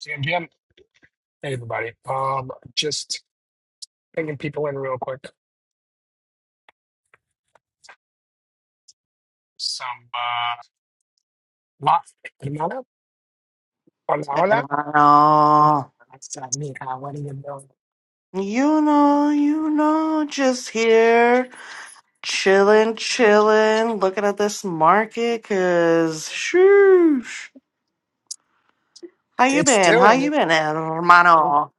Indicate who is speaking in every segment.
Speaker 1: GMGM. Hey, everybody. Um, just bringing people in real quick. Some, uh, lot, hermana, hola, hola.
Speaker 2: Hermano,
Speaker 1: That's, uh, me. Uh, what are you doing?
Speaker 2: you know, you know, just here, chilling, chilling, looking at this market, cause shoosh. How you
Speaker 1: It's
Speaker 2: been? How
Speaker 1: doing
Speaker 2: you
Speaker 1: it.
Speaker 2: been, hermano?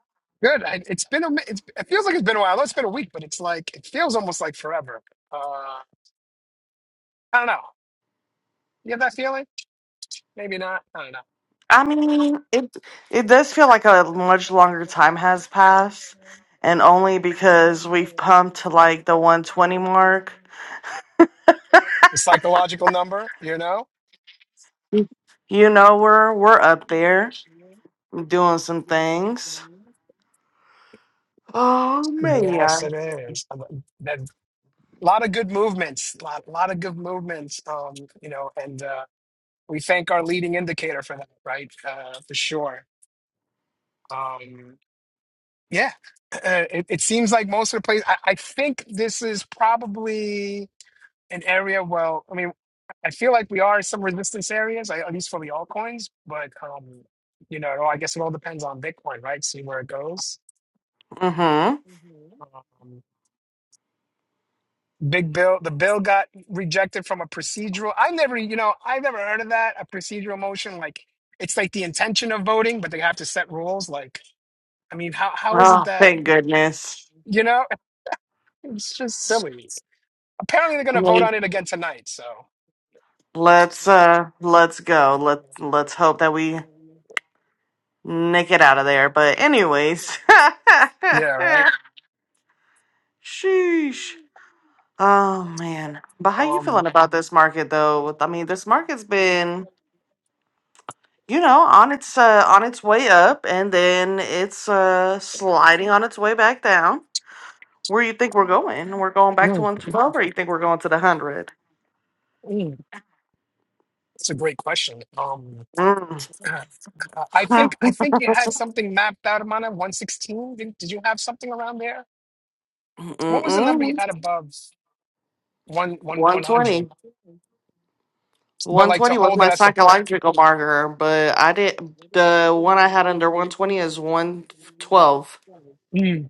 Speaker 1: Good. I, it's been, a, mi- it's, it feels like it's been a while. I know it's been a week, but it's like, it feels almost like forever. Uh, I don't know. You have that feeling? Maybe not. I don't know.
Speaker 2: I mean, it it does feel like a much longer time has passed, and only because we've pumped to like the 120 mark.
Speaker 1: The psychological number, you know?
Speaker 2: You know, we're we're up there doing some things. Oh
Speaker 1: Yes,
Speaker 2: man.
Speaker 1: it is. Um, That a lot of good movements, a lot, lot of good movements. Um, you know, and uh, we thank our leading indicator for that, right? Uh, for sure. Um, yeah, uh, it, it seems like most of the places. I, I think this is probably an area. Well, I mean, I feel like we are in some resistance areas, I- at least for the altcoins. But um, you know, it all- I guess it all depends on Bitcoin, right? See where it goes. hmm Um, big bill, the bill got rejected from a procedural. I never, you know, I've never heard of that. A procedural motion, like it's like the intention of voting, but they have to set rules. Like, I mean, how how is it
Speaker 2: Oh,
Speaker 1: that,
Speaker 2: thank goodness.
Speaker 1: you know, it's just silly. Apparently, they're gonna vote
Speaker 2: Wait.
Speaker 1: on it again tonight. So,
Speaker 2: Let's uh let's go. Let's let's hope that we nick it out of there. But anyways.
Speaker 1: yeah, right.
Speaker 2: Sheesh. Oh man. But how you
Speaker 1: Um,
Speaker 2: feeling about this market though? I mean, this market's been, you know, on its uh on its way up and then it's uh sliding on its way back down. Where you think we're going? We're going back to
Speaker 1: mm,
Speaker 2: 112 or you think we're going to the 100?
Speaker 1: mm. That's a great question. Um,
Speaker 2: Mm.
Speaker 1: uh, I think I think you had something mapped out, Amana, 116. Did, did you have something around there? What was the number you
Speaker 2: Mm-mm.
Speaker 1: had above one one 100?
Speaker 2: 120.
Speaker 1: But like to
Speaker 2: 120 was
Speaker 1: hold
Speaker 2: my
Speaker 1: it as support.
Speaker 2: psychological marker, but I did the one I had under 120 is 112.
Speaker 1: Mm.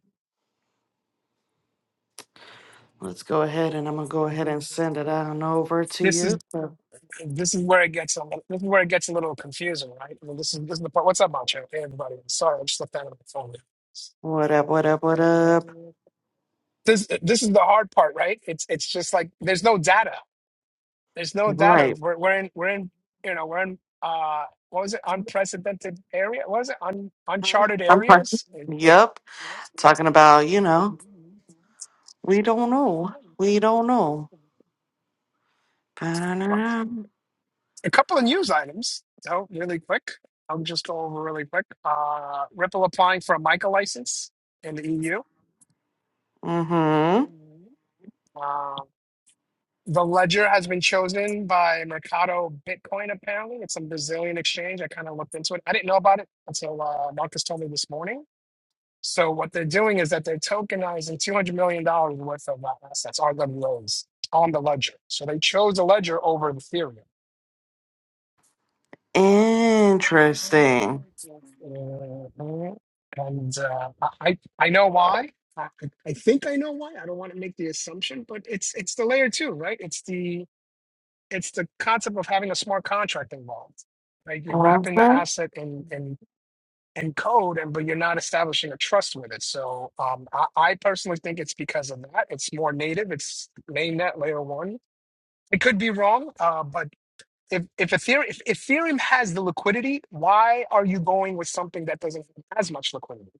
Speaker 2: Let's go ahead and I'm gonna go ahead and send it on over to
Speaker 1: This is
Speaker 2: you. So,
Speaker 1: this is where it gets a little, this is where it gets a little confusing, right? I mean, this is this is the part. What's up, Macho? Hey, everybody. Sorry, I just left that on
Speaker 2: What up,
Speaker 1: the
Speaker 2: what up, what up?
Speaker 1: phone. this this is the hard part, right? It's it's just like there's no data. There's no data.
Speaker 2: Right.
Speaker 1: We're we're in we're in you know we're in uh what was it unprecedented area? What was it un,
Speaker 2: Huh?
Speaker 1: uncharted
Speaker 2: I'm sorry.
Speaker 1: areas?
Speaker 2: Yep. Talking about, you know, we don't know. We don't know.
Speaker 1: A couple of news items. So really quick, I'll just go over really quick. Uh, Ripple applying for a MiCA license in the EU.
Speaker 2: Mm-hmm.
Speaker 1: The ledger has been chosen by Mercado Bitcoin, apparently. It's some Brazilian exchange. I kind of looked into it. I didn't know about it until uh, Marcus told me this morning. So, what they're doing is that they're tokenizing $200 million dollars worth of uh, assets, RWAs, on the ledger. So, they chose the ledger over Ethereum. Mm,
Speaker 2: Interesting.
Speaker 1: yes. Mhm. And uh, I, I I know why. I I think I know why. I don't want to make the assumption, but it's it's the layer two, right? It's the it's the concept of having a smart contract involved. Right? You're wrapping the
Speaker 2: Mm-hmm.
Speaker 1: asset in in in code, and but you're not establishing a trust with it. So um, I, I personally think it's because of that. It's more native. It's mainnet layer one. It could be wrong, uh, but if if Ethereum if Ethereum has the liquidity, why are you going with something that doesn't have as much liquidity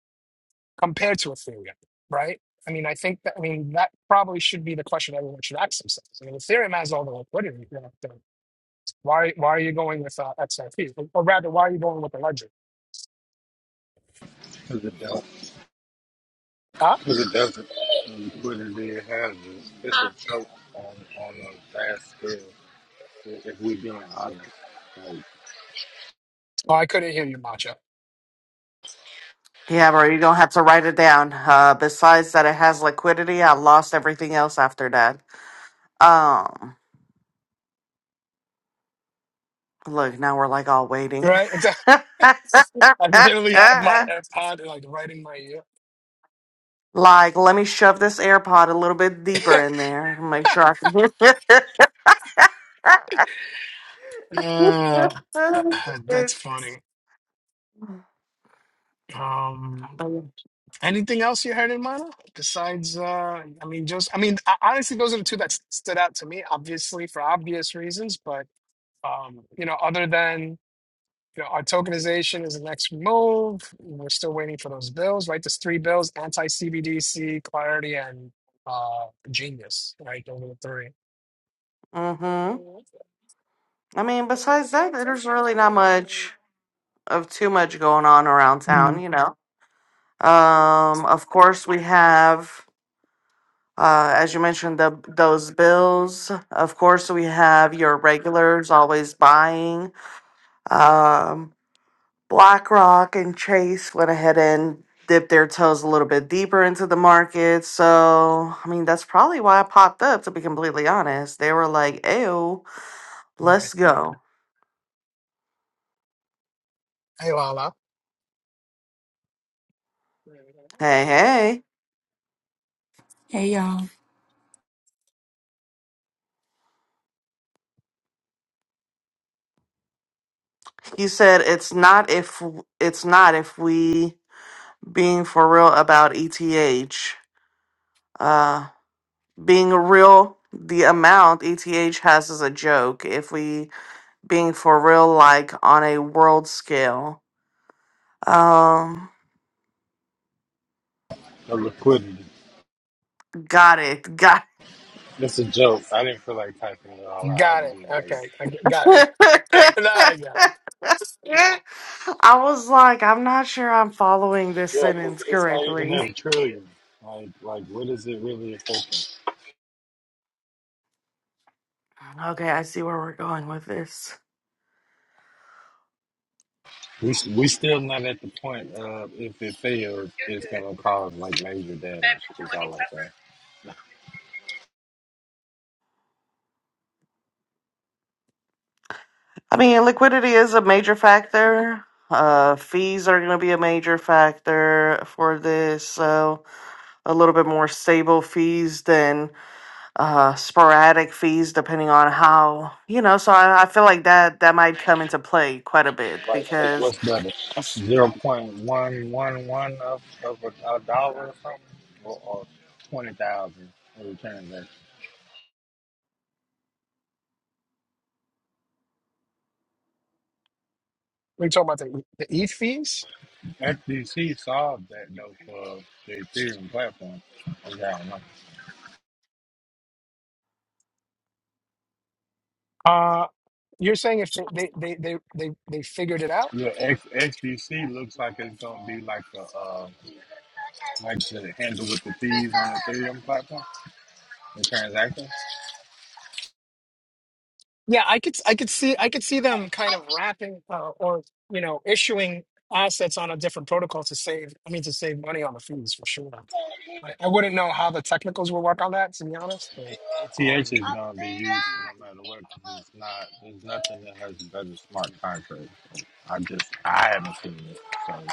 Speaker 1: compared to Ethereum? Right? I mean, I think that I mean that probably should be the question everyone should ask themselves. I mean, Ethereum has all the liquidity. that, why why are you going with uh, XRP? Or or rather, why are you going with the ledger?
Speaker 3: There's a desert.
Speaker 1: Huh?
Speaker 3: There's a desert. And you put in there It's a joke on on a vast scale. i- If we being honest, like
Speaker 1: Oh, I couldn't hear you, Macho.
Speaker 2: Yeah, bro, you're gonna have to write it down. Uh, besides that, it has liquidity. I lost everything else after that. Um, look, now we're like all waiting.
Speaker 1: Right? It's, I literally have my AirPod like right in my ear.
Speaker 2: like, let me shove this AirPod a little bit deeper in there and make sure I can
Speaker 1: Uh,
Speaker 2: hear
Speaker 1: that's
Speaker 2: it.
Speaker 1: funny. Um, anything else you heard in Mana besides? Uh, I mean, just I mean, ho- honestly, those are the two that s- stood out to me, obviously for obvious reasons. But um, you know, other than You know, our tokenization is the next move. We're still waiting for those bills, right? There's three bills: anti CBDC, Clarity, and uh, Genius. Right, those are the three.
Speaker 2: Mm-hmm. I mean, besides that, there's really not much of too much going on around town,
Speaker 1: Mm.
Speaker 2: you know. Um, of course, we have. Uh, as you mentioned, the, those bills, of course, we have your regulars always buying. Um, BlackRock and Chase went ahead and dipped their toes a little bit deeper into the market. So, I mean, that's probably why I popped up, to be completely honest. They were like, ew,
Speaker 1: Right.
Speaker 2: let's go.
Speaker 1: Hey, Lala.
Speaker 2: Hey, hey.
Speaker 4: Hey y'all.
Speaker 2: You said it's not if it's not if we being for real about ETH. Uh being real, the amount ETH has is a joke. If we being for real, like on a world scale, um,
Speaker 3: the liquidity.
Speaker 2: got it, got.
Speaker 3: It's a joke. I didn't feel like typing it all out.
Speaker 1: Got
Speaker 3: and
Speaker 1: it.
Speaker 3: Being like,
Speaker 1: Okay, I g- got it.
Speaker 2: it.
Speaker 1: now I got it.
Speaker 2: I was like, I'm not sure I'm following this
Speaker 3: cause
Speaker 2: sentence
Speaker 3: it's not even
Speaker 2: correctly.
Speaker 3: at a trillion. Like, like what is it really affecting?
Speaker 2: Okay, I see where we're going with this.
Speaker 3: We s- we still not at the point of if it fails, it's gonna cause like major damage. It's all like that.
Speaker 2: I mean, liquidity is a major factor. Uh, fees are going to be a major factor for this. So, a little bit more stable fees than uh sporadic fees depending on how you know so I, I feel like that that might come into play quite a bit
Speaker 3: Like, like
Speaker 2: because
Speaker 3: what's better?
Speaker 2: Yes.
Speaker 3: Zero point one one one of of a, a dollar or something, or, or twenty thousand every transaction.
Speaker 1: We talking about the E, the e fees.
Speaker 3: XDC solved that though for the Ethereum platform. I don't know.
Speaker 1: Uh, you're saying if they they they they they, they figured it out?
Speaker 3: Yeah, X, XDC looks like it's gonna be like a uh, like the handle with the thieves on the Ethereum platform. The transactions.
Speaker 1: Yeah, I could I could see I could see them kind of wrapping uh, or you know issuing assets on a different protocol to save I mean to save money on the fees for sure. I, I wouldn't know how the technicals will work on that to be honest, but
Speaker 3: ETH
Speaker 1: um,
Speaker 3: is gonna be used no matter what. 'cause it's not. There's nothing that has a better smart contracts. I just I haven't seen it. so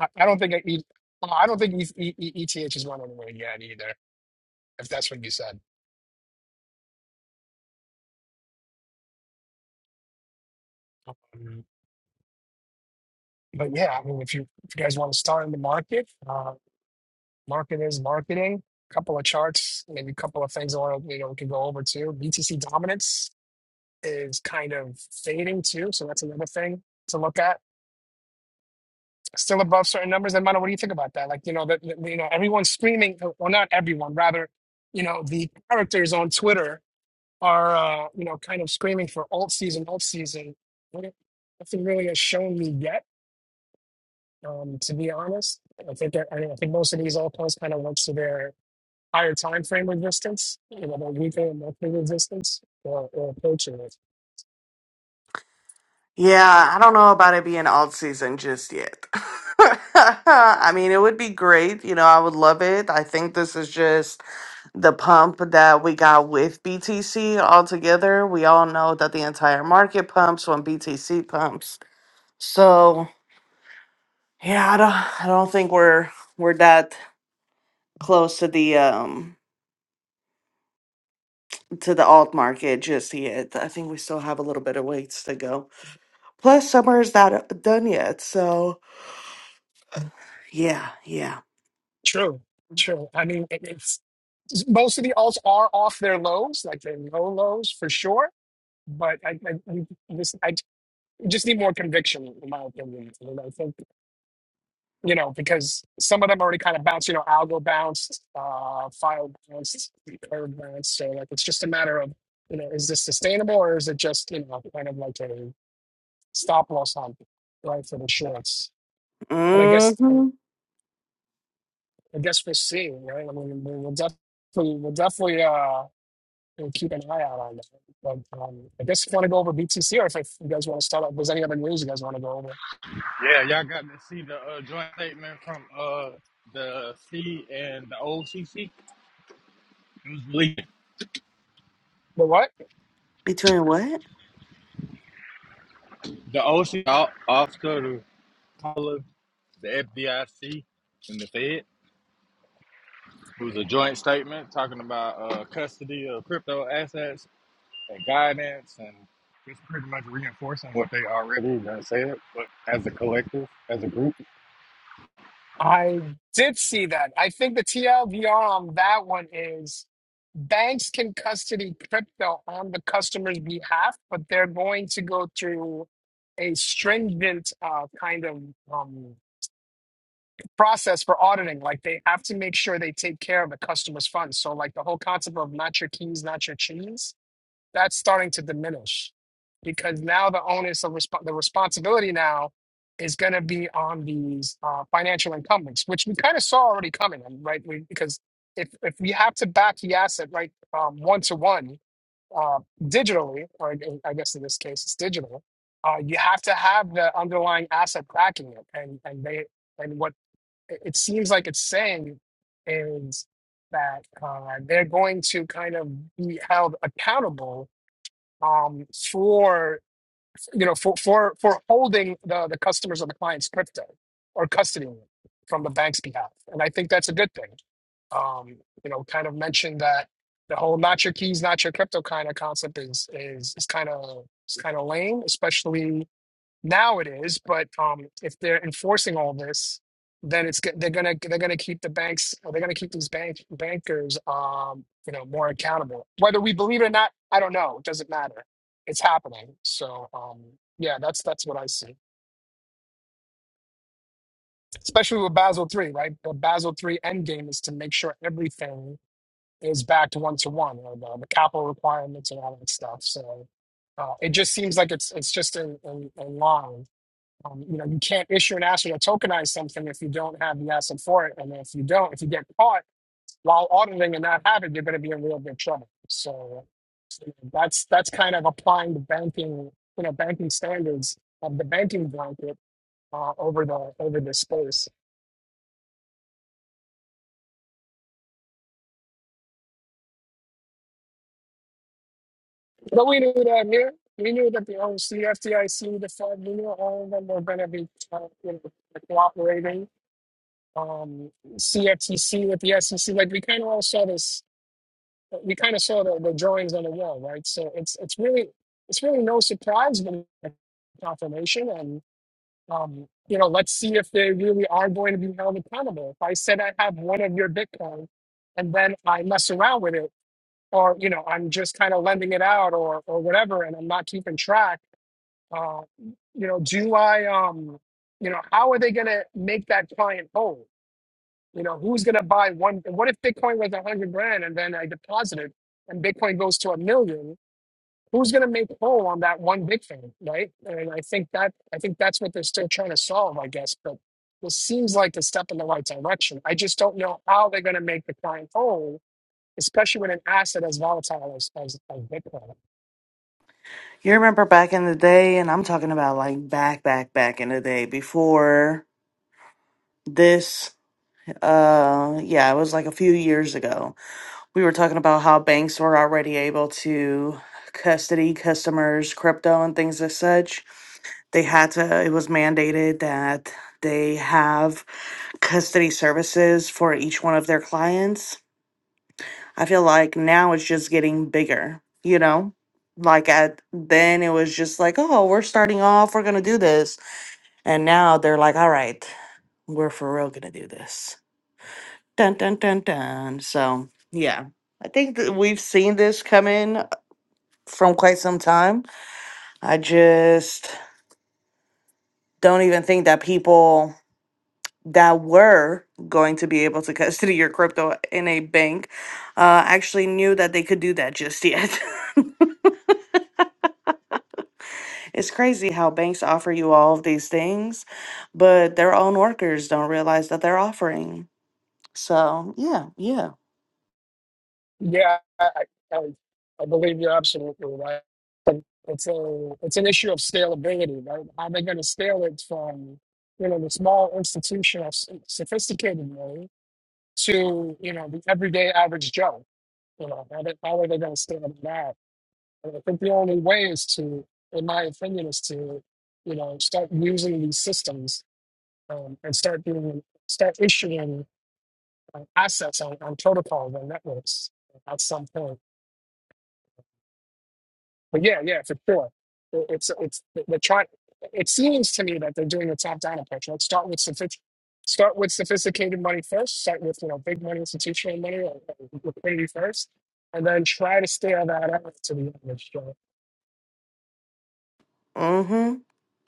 Speaker 1: I, I don't think I, E- well, I don't think e, E- E- ETH is going anywhere yet either. If that's what you said, um, but yeah, I mean if you if you guys want to start in the market, uh, market is marketing. Couple of charts, maybe a couple of things I want to you know we can go over too. BTC dominance is kind of fading too. So that's another thing to look at. Still above certain numbers. And Mano, what do you think about that? Like, you know, that that- you know, everyone's screaming, or not everyone, rather, you know, the characters on Twitter are, uh, you know, kind of screaming for alt season, alt season. What- Nothing really has shown me yet, um, to be honest. I think that, I, mean, I think most of these alt posts kind of works to their higher time frame resistance, you know, their weekly and monthly resistance or, or approaching it.
Speaker 2: yeah i don't know about it being alt season just yet i mean it would be great you know i would love it i think this is just the pump that we got with btc altogether we all know that the entire market pumps when btc pumps so yeah i don't i don't think we're we're that close to the um to the alt market just yet. I think we still have a little bit of ways to go. Plus, summer is not uh, done yet. So, yeah, yeah.
Speaker 1: True, true. I mean, it, it's most of the alts are off their lows, like their low lows for sure. But I, I, we just, I just need more conviction, in my opinion. And I think you know because some of them already kind of bounced. You know, algo bounced, uh, file bounced, curve bounced. So like, it's just a matter of you know, is this sustainable or is it just you know kind of like a stop loss hunt, right, for the shorts? But I guess
Speaker 2: hmm
Speaker 1: I guess we'll see, right? I mean, we'll definitely, we'll definitely. uh, and keep an eye out on that. But um, I guess want to go over BTC, or if, if you guys want to start up, if there's any other news you guys want to go over.
Speaker 3: Yeah, y'all got to see the uh, joint statement from uh, the C and the OCC. It was leaked.
Speaker 1: But what?
Speaker 2: Between what?
Speaker 3: The OC, o- Oscar, the Paula, the FDIC, and the Fed. It was a joint statement talking about uh, custody of crypto assets and guidance, and it's pretty much reinforcing what they already done said. But as a collective, as a group,
Speaker 1: I did see that. I think the TLDR on that one is banks can custody crypto on the customer's behalf, but they're going to go through a stringent uh, kind of um, process for auditing. Like they have to make sure they take care of the customer's funds. So, like the whole concept of not your keys, not your cheese that's starting to diminish because now the onus of resp- the responsibility now is going to be on these uh, financial incumbents, which we kind of saw already coming, and right? We, because if if we have to back the asset right one to one digitally, or I I guess in this case it's digital, uh, you have to have the underlying asset backing it, and and they and what it it seems like it's saying is that uh, they're going to kind of be held accountable um, for you know for for for holding the the customers or the client's crypto or custodying it from the bank's behalf, and I think that's a good thing. Um, you know, kind of mentioned that the whole "not your keys, not your crypto" kind of concept is is is kind of is kind of lame, especially now it is, but um, if they're enforcing all this, then it's go- they're gonna they're gonna keep the banks or they're gonna keep these bank bankers um you know more accountable. Whether we believe it or not, I don't know. It doesn't matter. It's happening. So um yeah, that's that's what I see. Especially with Basel three, right? The Basel three end game is to make sure everything is backed one to one, or the, the capital requirements and all that stuff. So uh, it just seems like it's it's just in, in, in line Um, you know, you can't issue an asset or tokenize something if you don't have the asset for it. And if you don't, if you get caught while auditing and not have it, you're going to be in real big trouble. So, so that's that's kind of applying the banking, you know, banking standards of the banking blanket uh, over the over this space. But we knew that here. We knew that the OC, FDIC, the Fed, we knew all of them were going to be uh, you know, cooperating. Um, CFTC with the SEC, like we kind of all saw this we kind of saw the, the drawings on the wall, right? So it's it's really it's really no surprise, but a confirmation, and um, you know, let's see if they really are going to be held accountable. If I said I have one of your Bitcoin, and then I mess around with it, or you know, I'm just kind of lending it out, or or whatever, and I'm not keeping track. Uh, you know, do I um, you know, how are they going to make that client whole? You know, who's going to buy one? What if Bitcoin was a hundred grand and then I deposited and Bitcoin goes to a million? Who's going to make whole on that one Bitcoin, right? And I think that I think that's what they're still trying to solve, I guess. But this seems like a step in the right direction. I just don't know how they're going to make the client whole, especially with an asset as volatile as as, as Bitcoin.
Speaker 2: You remember back in the day, and I'm talking about like back, back, back in the day before this. Uh, yeah, it was like a few years ago. We were talking about how banks were already able to custody customers' crypto and things as such They had to, it was mandated that they have custody services for each one of their clients. I feel like now it's just getting bigger, you know? Like at then it was just like, oh, we're starting off, we're gonna do this. And now they're like, all right, we're for real gonna do this. Dun dun dun dun. So yeah. I think that we've seen this come in from quite some time. I just don't even think that people that were going to be able to custody your crypto in a bank uh, actually knew that they could do that just yet. it's crazy how banks offer you all of these things, but their own workers don't realize that they're offering. So, yeah, yeah.
Speaker 1: Yeah, I, I, I believe you're absolutely right. But It's a it's an issue of scalability, right? How they going to scale it from you know the small institutional s- sophisticated way to you know the everyday average Joe? You know how, they, how are they going to scale that? And I think the only way is to, in my opinion, is to you know start using these systems um, and start doing start issuing uh, assets on, on protocols and networks at some point. But yeah, yeah, for sure. It- It's it's they're trying. It seems to me that they're doing a top-down approach. Let's start with sophisticated, start with sophisticated money first. Start with you know big money, institutional money, or or liquidity first, and then try to scale that out to the average Joe.
Speaker 2: Mm-hmm.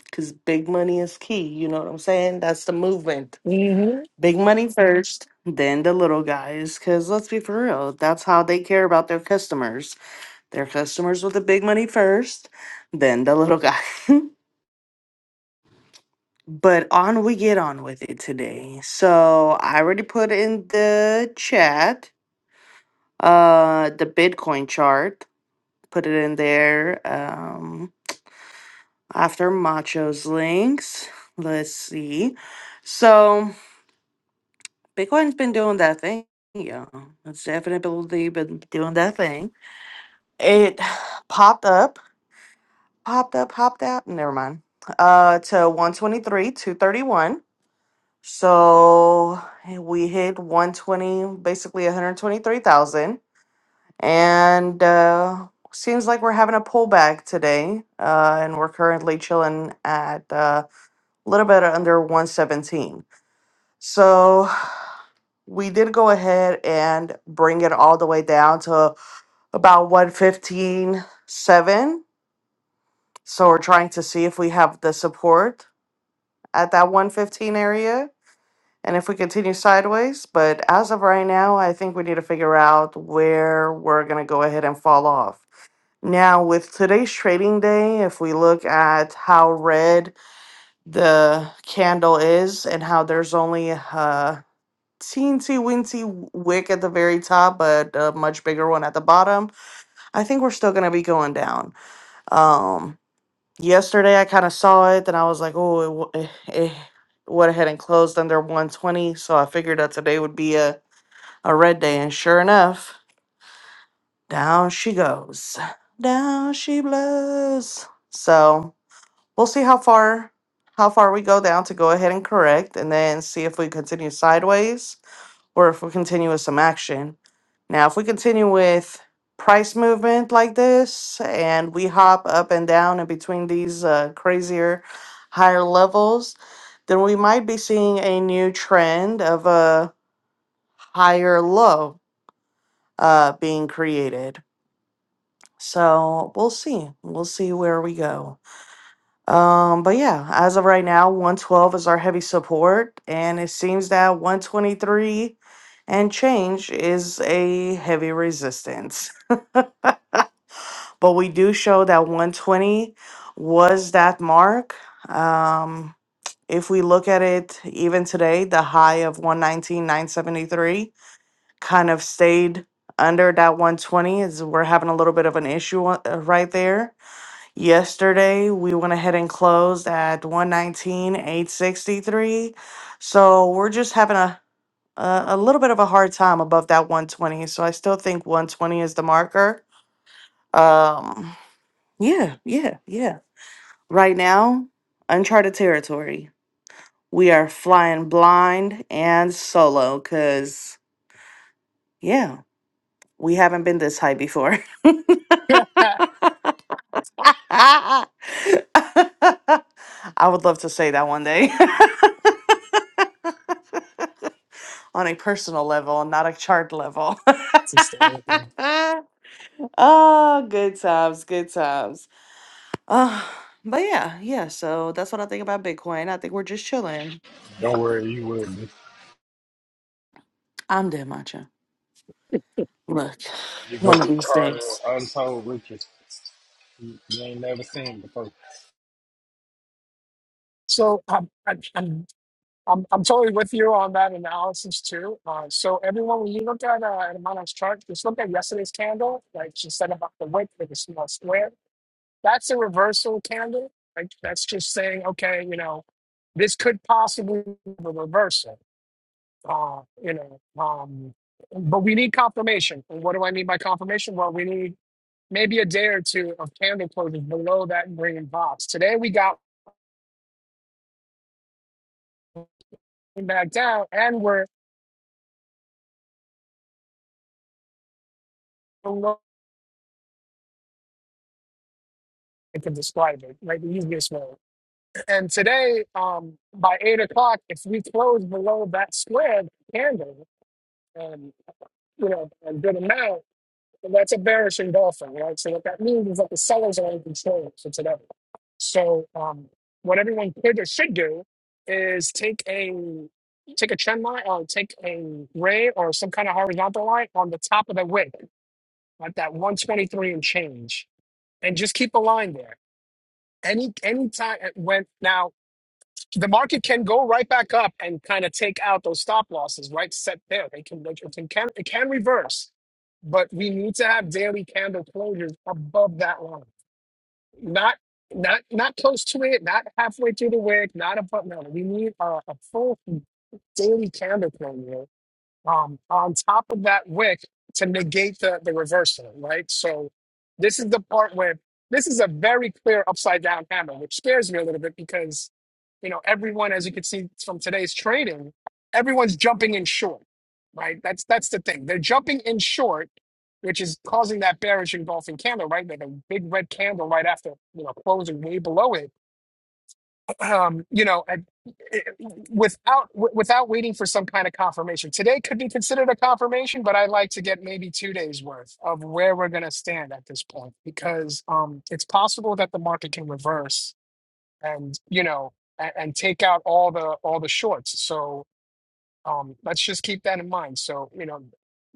Speaker 2: Because big money is key. You know what I'm saying? That's the movement.
Speaker 1: Mm-hmm.
Speaker 2: Big money first, then the little guys. Because let's be for real, that's how they care about their customers. Their customers with the big money first, then the little guy. but on we get on with it today. So I already put in the chat uh the Bitcoin chart. Put it in there. Um after Macho's links. Let's see. So Bitcoin's been doing that thing. Yeah. It's definitely been doing that thing. It popped up popped up, hopped out. Never mind. Uh, to 123, 231. So we hit 120, basically 123,000. And uh, seems like we're having a pullback today. Uh, and we're currently chilling at uh, a uh, little bit under 117. So we did go ahead and bring it all the way down to about 115.7. So we're trying to see if we have the support at that 115 area and if we continue sideways. But as of right now, I think we need to figure out where we're going to go ahead and fall off. Now, with today's trading day, if we look at how red the candle is and how there's only a teensy weensy wick at the very top, but a much bigger one at the bottom, I think we're still going to be going down. Um, yesterday I kind of saw it, then I was like, oh, it, wa- eh, eh, went ahead and closed under 120. So I figured that today would be a, a red day. And sure enough, down she goes. Down she blows. So we'll see how far how far we go down to go ahead and correct and then see if we continue sideways or if we continue with some action. Now, if we continue with price movement like this and we hop up and down in between these uh, crazier higher levels, then we might be seeing a new trend of a higher low uh, being created. So we'll see. We'll see where we go. Um, but yeah, as of right now, 112 is our heavy support, and it seems that 123 and change is a heavy resistance. But we do show that 120 was that mark. Um, if we look at it even today, the high of 119,973 kind of stayed under that 120 is we're having a little bit of an issue uh, right there Yesterday, we went ahead and closed at 119,863. So we're just having a, a, a little bit of a hard time above that 120. So I still think 120 is the marker. Um, yeah, yeah, yeah. Right now, uncharted territory. We are flying blind and solo because, yeah, we haven't been this high before. I would love to say that one day. on a personal level and not a chart level.
Speaker 1: it's hysterical.
Speaker 2: oh, good times, good times. Uh, but yeah, yeah, so that's what I think about Bitcoin. I think we're just chilling.
Speaker 3: don't worry, you will. be-
Speaker 2: I'm dead matcha. Look,
Speaker 3: You're
Speaker 2: one
Speaker 3: gonna
Speaker 2: of
Speaker 3: be
Speaker 2: these
Speaker 3: charged with
Speaker 2: days.
Speaker 3: untold riches you you ain't never seen before.
Speaker 1: So um, I, I'm I'm I'm totally with you on that analysis too. Uh, so everyone, when you look at uh, at Monarch's chart, just look at yesterday's candle. Like she said about the wick with the small square that's a reversal candle. Like that's just saying, okay, you know, this could possibly be a reversal. Uh, you know, um, but we need confirmation. And what do I mean by confirmation? Well, we need maybe a day or two of candle closings below that green box. Today we got back down and we're below. I can describe it like the easiest way. And today, um, by eight o'clock, if we close below that square candle, um, you know, a good amount And that's a bearish engulfing, right? So what that means is that the sellers are in control for today. So um, what everyone could or should do is take a take a trend line or take a ray or some kind of horizontal line on the top of the wick at that 123 and change, and just keep a line there. Any any time it went now the market can go right back up and kind of take out those stop losses right set there. They can they can, can it can reverse, but we need to have daily candle closures above that line, not not not close to it, not halfway through the wick, not above. No, we need a, a full daily candle closure um, on top of that wick to negate the, the reversal, right? So this is the part where this is a very clear upside down hammer, which scares me a little bit because, you know, everyone, as you can see from today's trading, everyone's jumping in short, right? That's that's the thing. They're jumping in short, which is causing that bearish engulfing candle, right? Like a big red candle right after, you know, closing way below it um, you know, and it- without w- without waiting for some kind of confirmation. Today could be considered a confirmation, but I like to get maybe two days worth of where we're going to stand at this point because um, it's possible that the market can reverse and you know and, and take out all the all the shorts. So um, let's just keep that in mind. So, you know,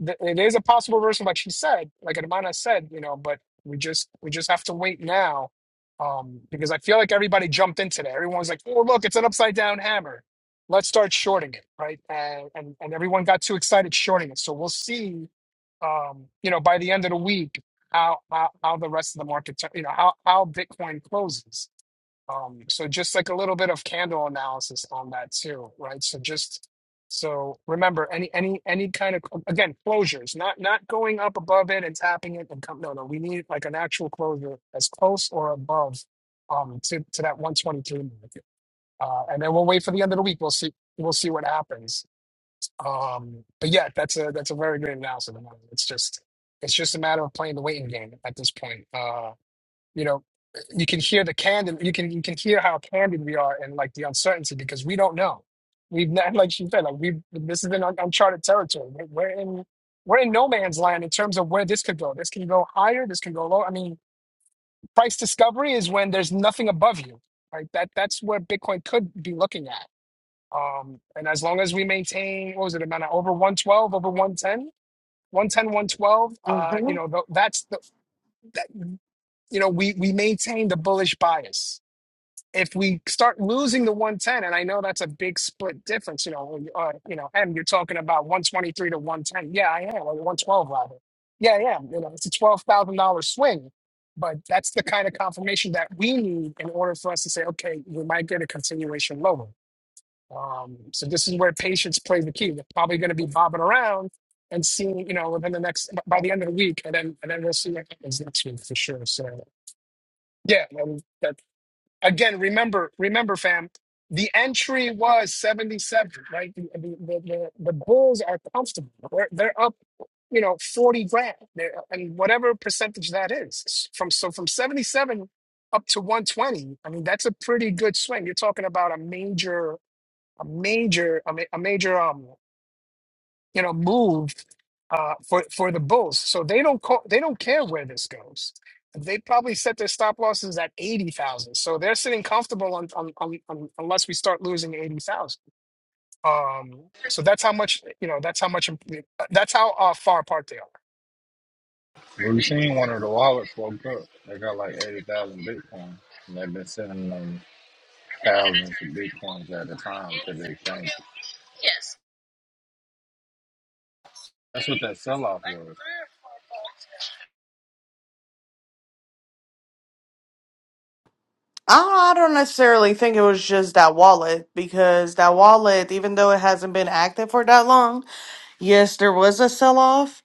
Speaker 1: th- it is a possible version, like she said, like Hermana said, you know, but we just we just have to wait now. Um, because I feel like everybody jumped into that. Everyone's like, oh, look, it's an upside down hammer. Let's start shorting it, right? And and, and everyone got too excited shorting it. So we'll see, um, you know, by the end of the week how how, how the rest of the market, tur- you know, how how Bitcoin closes. Um, so just like a little bit of candle analysis on that too, right? So just so remember any any any kind of um, again closures, not not going up above it and tapping it and come. No, no, we need like an actual closure as close or above um to to that 123 mark. Uh, and then we'll wait for the end of the week. We'll see we'll see what happens. Um, but yeah, that's a that's a very great analysis. It's just it's just a matter of playing the waiting game at this point. Uh, you know you can hear the candid you can you can hear how candid we are and like the uncertainty because we don't know we've not like she said like we this has been un- uncharted territory we're, we're in we're in no man's land in terms of where this could go this can go higher this can go low i mean price discovery is when there's nothing above you right that that's where bitcoin could be looking at um and as long as we maintain what was it amount of over 112 over one ten, one ten, one twelve. uh you
Speaker 2: Mhm.
Speaker 1: know th- that's the that you know we we maintain the bullish bias if we start losing the 110 and i know that's a big split difference you know you- uh, you know and you're talking about 123 to 110 yeah i am or 112 rather yeah yeah you know it's a $12000 swing but that's the kind of confirmation that we need in order for us to say okay we might get a continuation lower um, so this is where patience plays the key we're probably going to be bobbing around and seeing you know within the next by the end of the week and then and then we'll see what happens next week for sure so yeah um, again remember remember fam the entry was 77 right the, the, the, the the bulls are comfortable they're, they're up you know 40 grand they're, and whatever percentage that is from so from 77 up to 120 i mean that's a pretty good swing you're talking about a major a major a, ma- a major um you know, move uh, for for the bulls. So they don't call, they don't care where this goes. They probably set their stop losses at eighty thousand, so they're sitting comfortable on, on, on, on unless we start losing eighty thousand. Um, so that's how much you know. That's how much. That's how uh, far apart they are.
Speaker 3: We seen one of the wallets woke up. They got like 80,000 Bitcoin. And they've been sending them thousands of Bitcoins at a time to the exchange. That's what that sell off was.
Speaker 2: I don't necessarily think it was just that wallet because that wallet, even though it hasn't been active for that long, Yes, there was a sell off,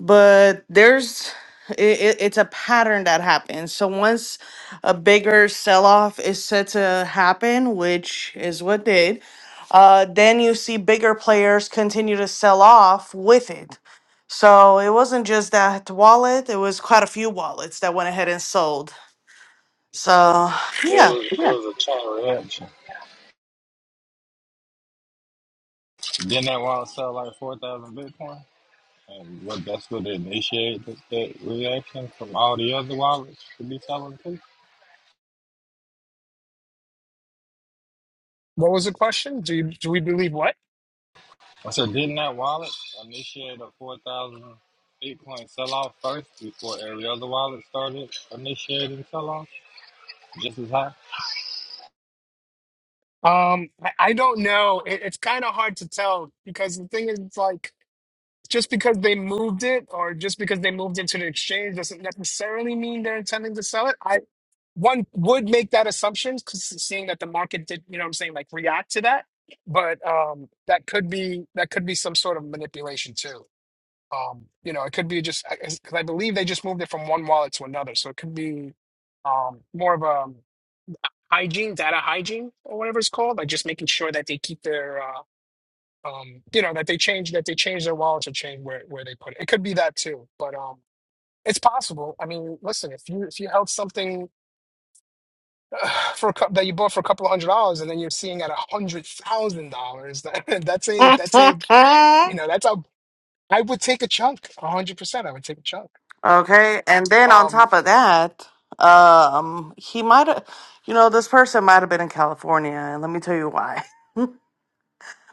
Speaker 2: but there's it, it's a pattern that happens. So once a bigger sell off is set to happen, which is what did, uh, then you see bigger players continue to sell off with it. So it wasn't just that wallet; it was quite a few wallets that went ahead and sold. So
Speaker 3: Yeah, it
Speaker 2: yeah,
Speaker 3: was, it was a chain reaction. Didn't that wallet sell like 4,000 Bitcoin? And what, that's what initiated that, that reaction from all the other wallets to be selling too?
Speaker 1: What was the question? Do you, do we believe what?
Speaker 3: I said, didn't that wallet initiate a 4,000 Bitcoin sell off first before every other wallet started initiating sell off just as high?
Speaker 1: Um, I, I don't know. It, it's kind of hard to tell because the thing is, it's like just because they moved it or just because they moved it to the exchange doesn't necessarily mean they're intending to sell it. I one would make that assumption because seeing that the market did, you know what I'm saying, like react to that. But um that could be that could be some sort of manipulation too. Um, you know, it could be just because I believe they just moved it from one wallet to another. So it could be um more of a um, hygiene, data hygiene or whatever it's called, like just making sure that they keep their uh um you know that they change that they change their wallets or change where where they put it. It could be that too. But um it's possible. I mean, listen, if you if you held something uh, for a couple that you bought for a couple of hundred dollars and then you're seeing at a hundred thousand dollars that- that's a that's a
Speaker 2: yeah.
Speaker 1: you know that's a i would take a chunk a hundred percent i would take a chunk
Speaker 2: Okay, and then on
Speaker 1: um
Speaker 2: top of that, um, he might have, you know, this person might have been in California, and let me tell you why.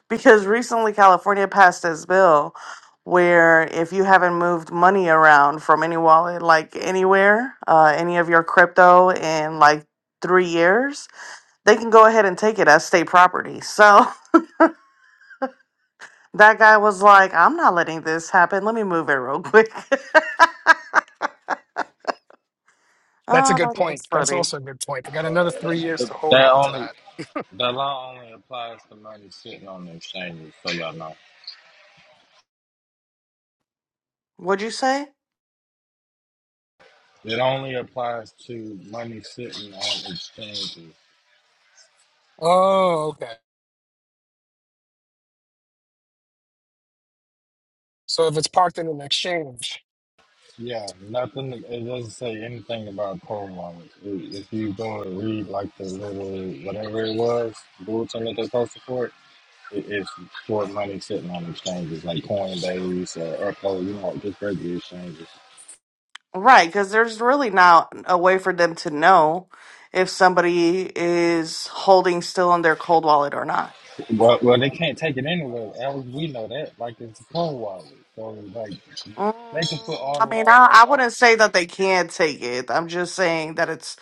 Speaker 2: Because recently California passed this bill where if you haven't moved money around from any wallet, like anywhere, uh, any of your crypto in like three years, they can go ahead and take it as state property. So that guy was like, I'm not letting this happen. Let me move it real quick.
Speaker 1: that's a good
Speaker 2: Oh, that's
Speaker 1: point that's
Speaker 2: funny.
Speaker 1: also a good point i got another three years
Speaker 3: Th-
Speaker 1: to hold on
Speaker 3: That
Speaker 1: to
Speaker 3: only
Speaker 1: that
Speaker 3: that law only applies to money sitting on the exchanges, so y'all know.
Speaker 2: What'd you say?
Speaker 3: It only applies to money sitting on exchanges.
Speaker 1: oh okay so if it's parked in an exchange
Speaker 3: Yeah, nothing. It doesn't say anything about cold wallets. I- If you go and read like the little whatever it was bulletin that they posted for it, it it's for money sitting on exchanges like Coinbase or Uphold, you know, like, just regular exchanges.
Speaker 2: Right, because there's really not a way for them to know if somebody is holding still in their cold wallet or not.
Speaker 3: Well, well, they can't take it anywhere. As we know that, like it's a poll wallet. So like.
Speaker 2: Mm,
Speaker 3: They can put all
Speaker 2: I
Speaker 3: the
Speaker 2: mean,
Speaker 3: laws
Speaker 2: I, I
Speaker 3: they want.
Speaker 2: wouldn't say that they can't take it. I'm just saying that it's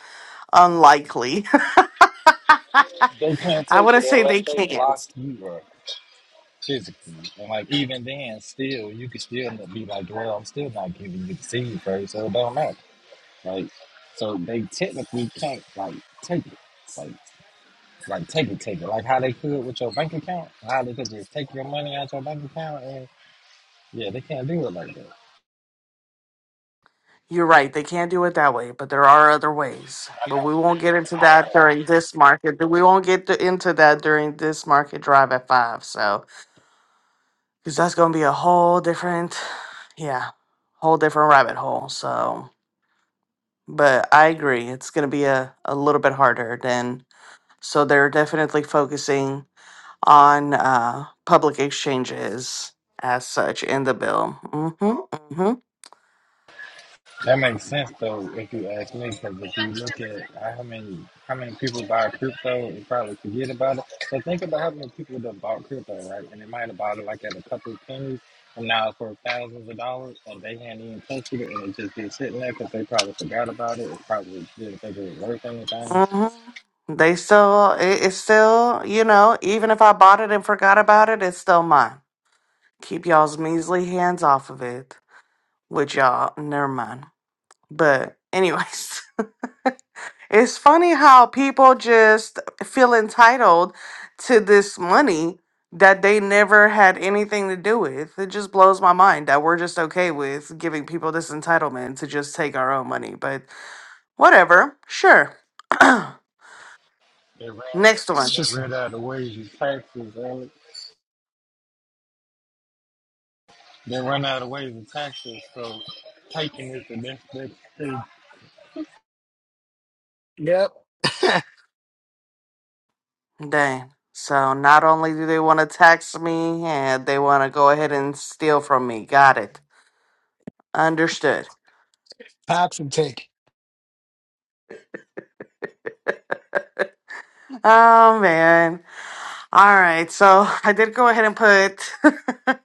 Speaker 2: unlikely.
Speaker 3: They can't
Speaker 2: I
Speaker 3: take it
Speaker 2: wouldn't say
Speaker 3: unless
Speaker 2: they
Speaker 3: they lock
Speaker 2: can't.
Speaker 3: you up physically. And like even then, still you could still be like, well, I'm still not giving you the seed first, so it don't matter. Like so they technically can't like take it. Like like take it, take it. Like how they could with your bank account, how they could just take your money out your bank account and yeah, they can't do it like that.
Speaker 2: You're right, they can't do it that way, but there are other ways. But we won't get into that during this market. We won't get to, into that during this market drive at five. So. because that's going to be a whole different, yeah, whole different rabbit hole. So, but I agree, it's going to be a, a little bit harder than. So they're definitely focusing on uh, public exchanges as such in the bill. Mm-hmm, mm-hmm,
Speaker 3: That makes sense though, if you ask me, because if you look at how many how many people buy crypto and probably forget about it. So think about how many people that bought crypto, right? And they might have bought it like at a couple of pennies, and now it's worth thousands of dollars, and they hadn't even touched it, and it just been sitting there because they probably forgot about it. It probably didn't think it was worth anything.
Speaker 2: mm-hmm. They still, it, it's still, you know, even if I bought it and forgot about it, it's still mine. Keep y'all's measly hands off of it, which y'all, never mind. But anyways. It's funny how people just feel entitled to this money that they never had anything to do with. It just blows my mind that we're just okay with giving people this entitlement to just take our own money. But whatever, sure.
Speaker 3: They ran
Speaker 2: Next
Speaker 1: it's
Speaker 2: one.
Speaker 3: they
Speaker 1: just
Speaker 3: ran out of ways of taxes, Alex. They run out of ways of taxes, so taking is the next best thing.
Speaker 1: yep
Speaker 2: Dang. So not only do they want to tax me, and they want to go ahead and steal from me. Got it. Understood.
Speaker 1: tax and take
Speaker 2: Oh man. All right. So I did go ahead and put.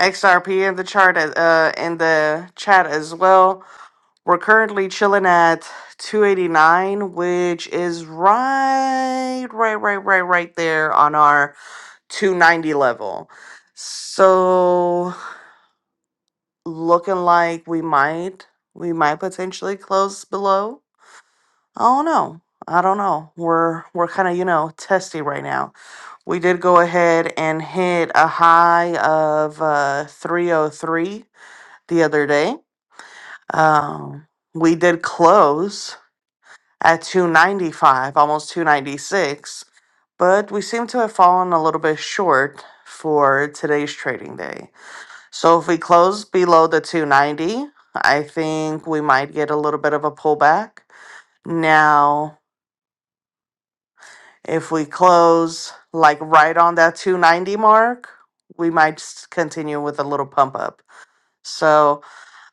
Speaker 2: XRP in the chart uh in the chat as well. We're currently chilling at 289, which is right, right, right, right, right there on our 290 level. So looking like we might we might potentially close below. I don't know. I don't know. We're we're kind of, you know, testy right now. We did go ahead and hit a high of uh 303 the other day Um, we did close at 295, almost 296, but we seem to have fallen a little bit short for today's trading day. So if we close below the 290, I think we might get a little bit of a pullback. Now, if we close like right on that 290 mark, we might s- continue with a little pump up. So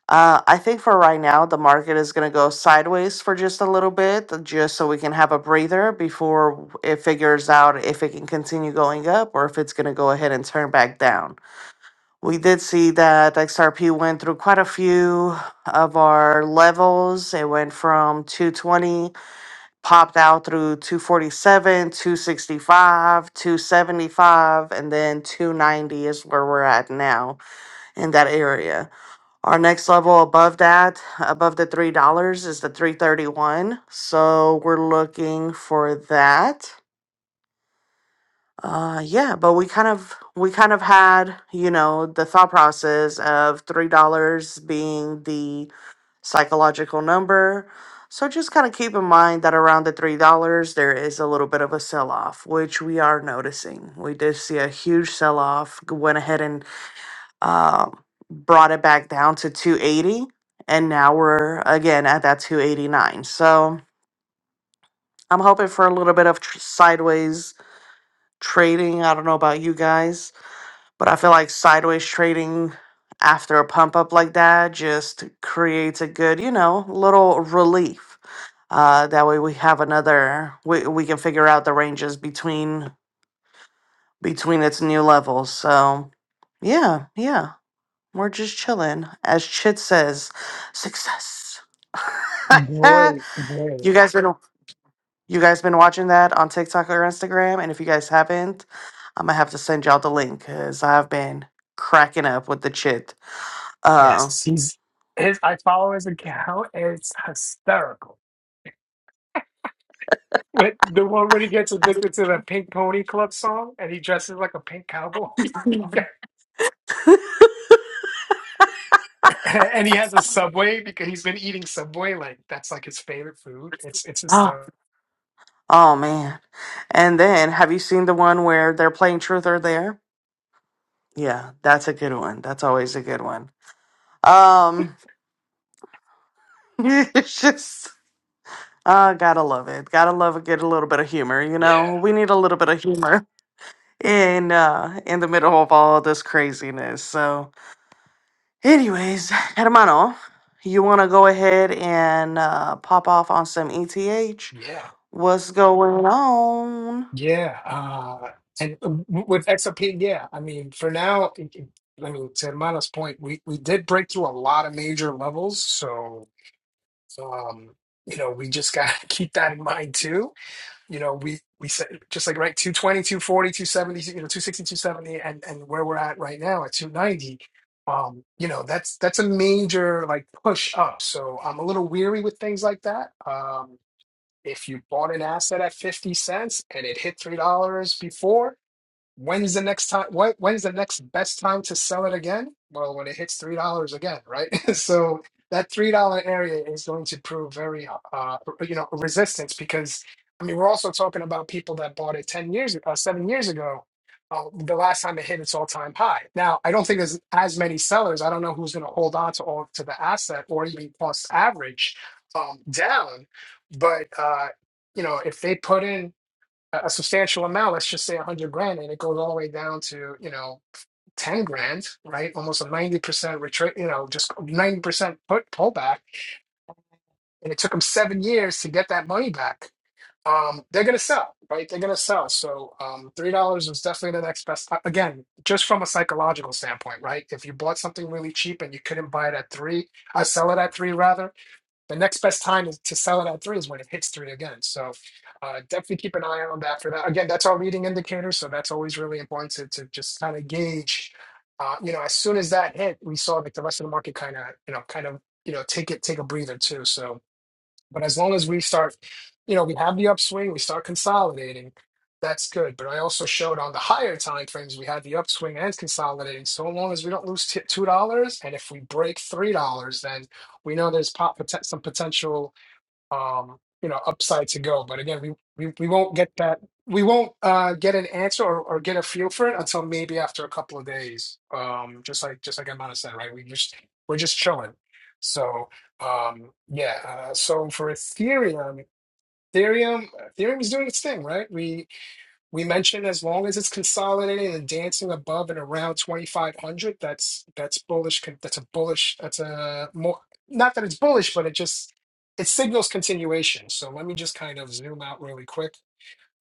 Speaker 2: Uh, I think for right now, the market is going to go sideways for just a little bit, uh, just so we can have a breather before it figures out if it can continue going up or if it's going to go ahead and turn back down. We did see that XRP went through quite a few of our levels. It went from 220, popped out through 247, 265, 275, and then 290 is where we're at now in that area. Our next level above that, above the three dollars, is the three thirty one. So we're looking for that. Uh, yeah, but we kind of we kind of had you know the thought process of three dollars being the psychological number. So just kind of keep in mind that around the three dollars there is a little bit of a sell off, which we are noticing. We did see a huge sell off. Went ahead and um, brought it back down to 280 and now we're again at that 289 so i'm hoping for a little bit of tr- sideways trading i don't know about you guys but i feel like sideways trading after a pump up like that just creates a good you know little relief uh, that way we have another we, we can figure out the ranges between between its new levels so yeah yeah We're just chilling. As Chit says, success.
Speaker 1: great
Speaker 2: you
Speaker 1: great
Speaker 2: guys been you guys been watching that on TikTok or Instagram? And if you guys haven't, I'm gonna have to send y'all the link because I've been cracking up with the chit. Uh,
Speaker 1: yes he's his i follow his account it's hysterical When, the one when he gets addicted to the Pink Pony Club song and he dresses like a pink cowboy. Yeah. And he has a Subway because he's been eating Subway like that's like his favorite food. It's it's his
Speaker 2: oh,
Speaker 1: stuff.
Speaker 2: oh man. And then have you seen the one where they're playing truth or dare? Yeah, that's a good one. That's always a good one. Um it's just Ah, gotta love it. Gotta love it. Get a little bit of humor, you
Speaker 1: Yeah.
Speaker 2: know? We need a little bit of humor in uh in the middle of all this craziness. So anyways, hermano, you wanna go ahead and uh pop off on some ETH?
Speaker 1: Yeah.
Speaker 2: What's going on?
Speaker 1: Yeah. Uh and uh, w- with XOP, yeah. I mean, for now, it- it- I mean, to Hermana's point, we we did break through a lot of major levels, so um, you know, we just gotta keep that in mind too you know we we said just like right two twenty two forty two seventy you know two sixty two seventy and and where we're at right now at 290 um you know that's that's a major like push up so i'm a little weary with things like that um if you bought an asset at 50 cents and it hit $3 before When's the next time? What? When's the next best time to sell it again? Well, when it hits three dollars again, right? so that three dollar area is going to prove very, uh, you know, resistance because I mean we're also talking about people that bought it ten years, uh, seven years ago, uh, the last time it hit its all time high. Now I don't think there's as many sellers. I don't know who's going to hold on to all to the asset or even cost average um, down, but uh, you know if they put in a substantial amount, let's just say a hundred grand, and it goes all the way down to, you know, ten grand, right? Almost a ninety percent retreat, you know, just ninety percent put pullback. And it took them seven years to get that money back. Um, they're gonna sell, right? They're gonna sell. So um, three dollars is definitely the next best. uh, Again, just from a psychological standpoint, right? If you bought something really cheap and you couldn't buy it at three, I sell it at three rather the next best time is to sell it at three is when it hits three again. So uh, definitely keep an eye on that for that. Again, that's our leading indicator, so that's always really important to, to just kind of gauge. Uh, you know, as soon as that hit, we saw like the rest of the market kind of, you know, kind of, you know, take it, take a breather too. So but as long as we start, you know, we have the upswing, we start consolidating, that's good. But I also showed on the higher time frames we had the upswing and consolidating. So long as we don't lose t- two dollars, and if we break three dollars, then we know there's pot- poten- some potential um, you know, upside to go. But again, we, we, we won't get that. We won't uh, get an answer or, or get a feel for it until maybe after a couple of days. Um, just like just like Amanda said, right? We just we're just chilling. So um, yeah. Uh, so for Ethereum, Ethereum, Ethereum is doing its thing, right? We we mentioned as long as it's consolidating and dancing above and around 2,500, that's that's bullish. con- That's a bullish. That's a more not that it's bullish, but it just it signals continuation. So let me just kind of zoom out really quick.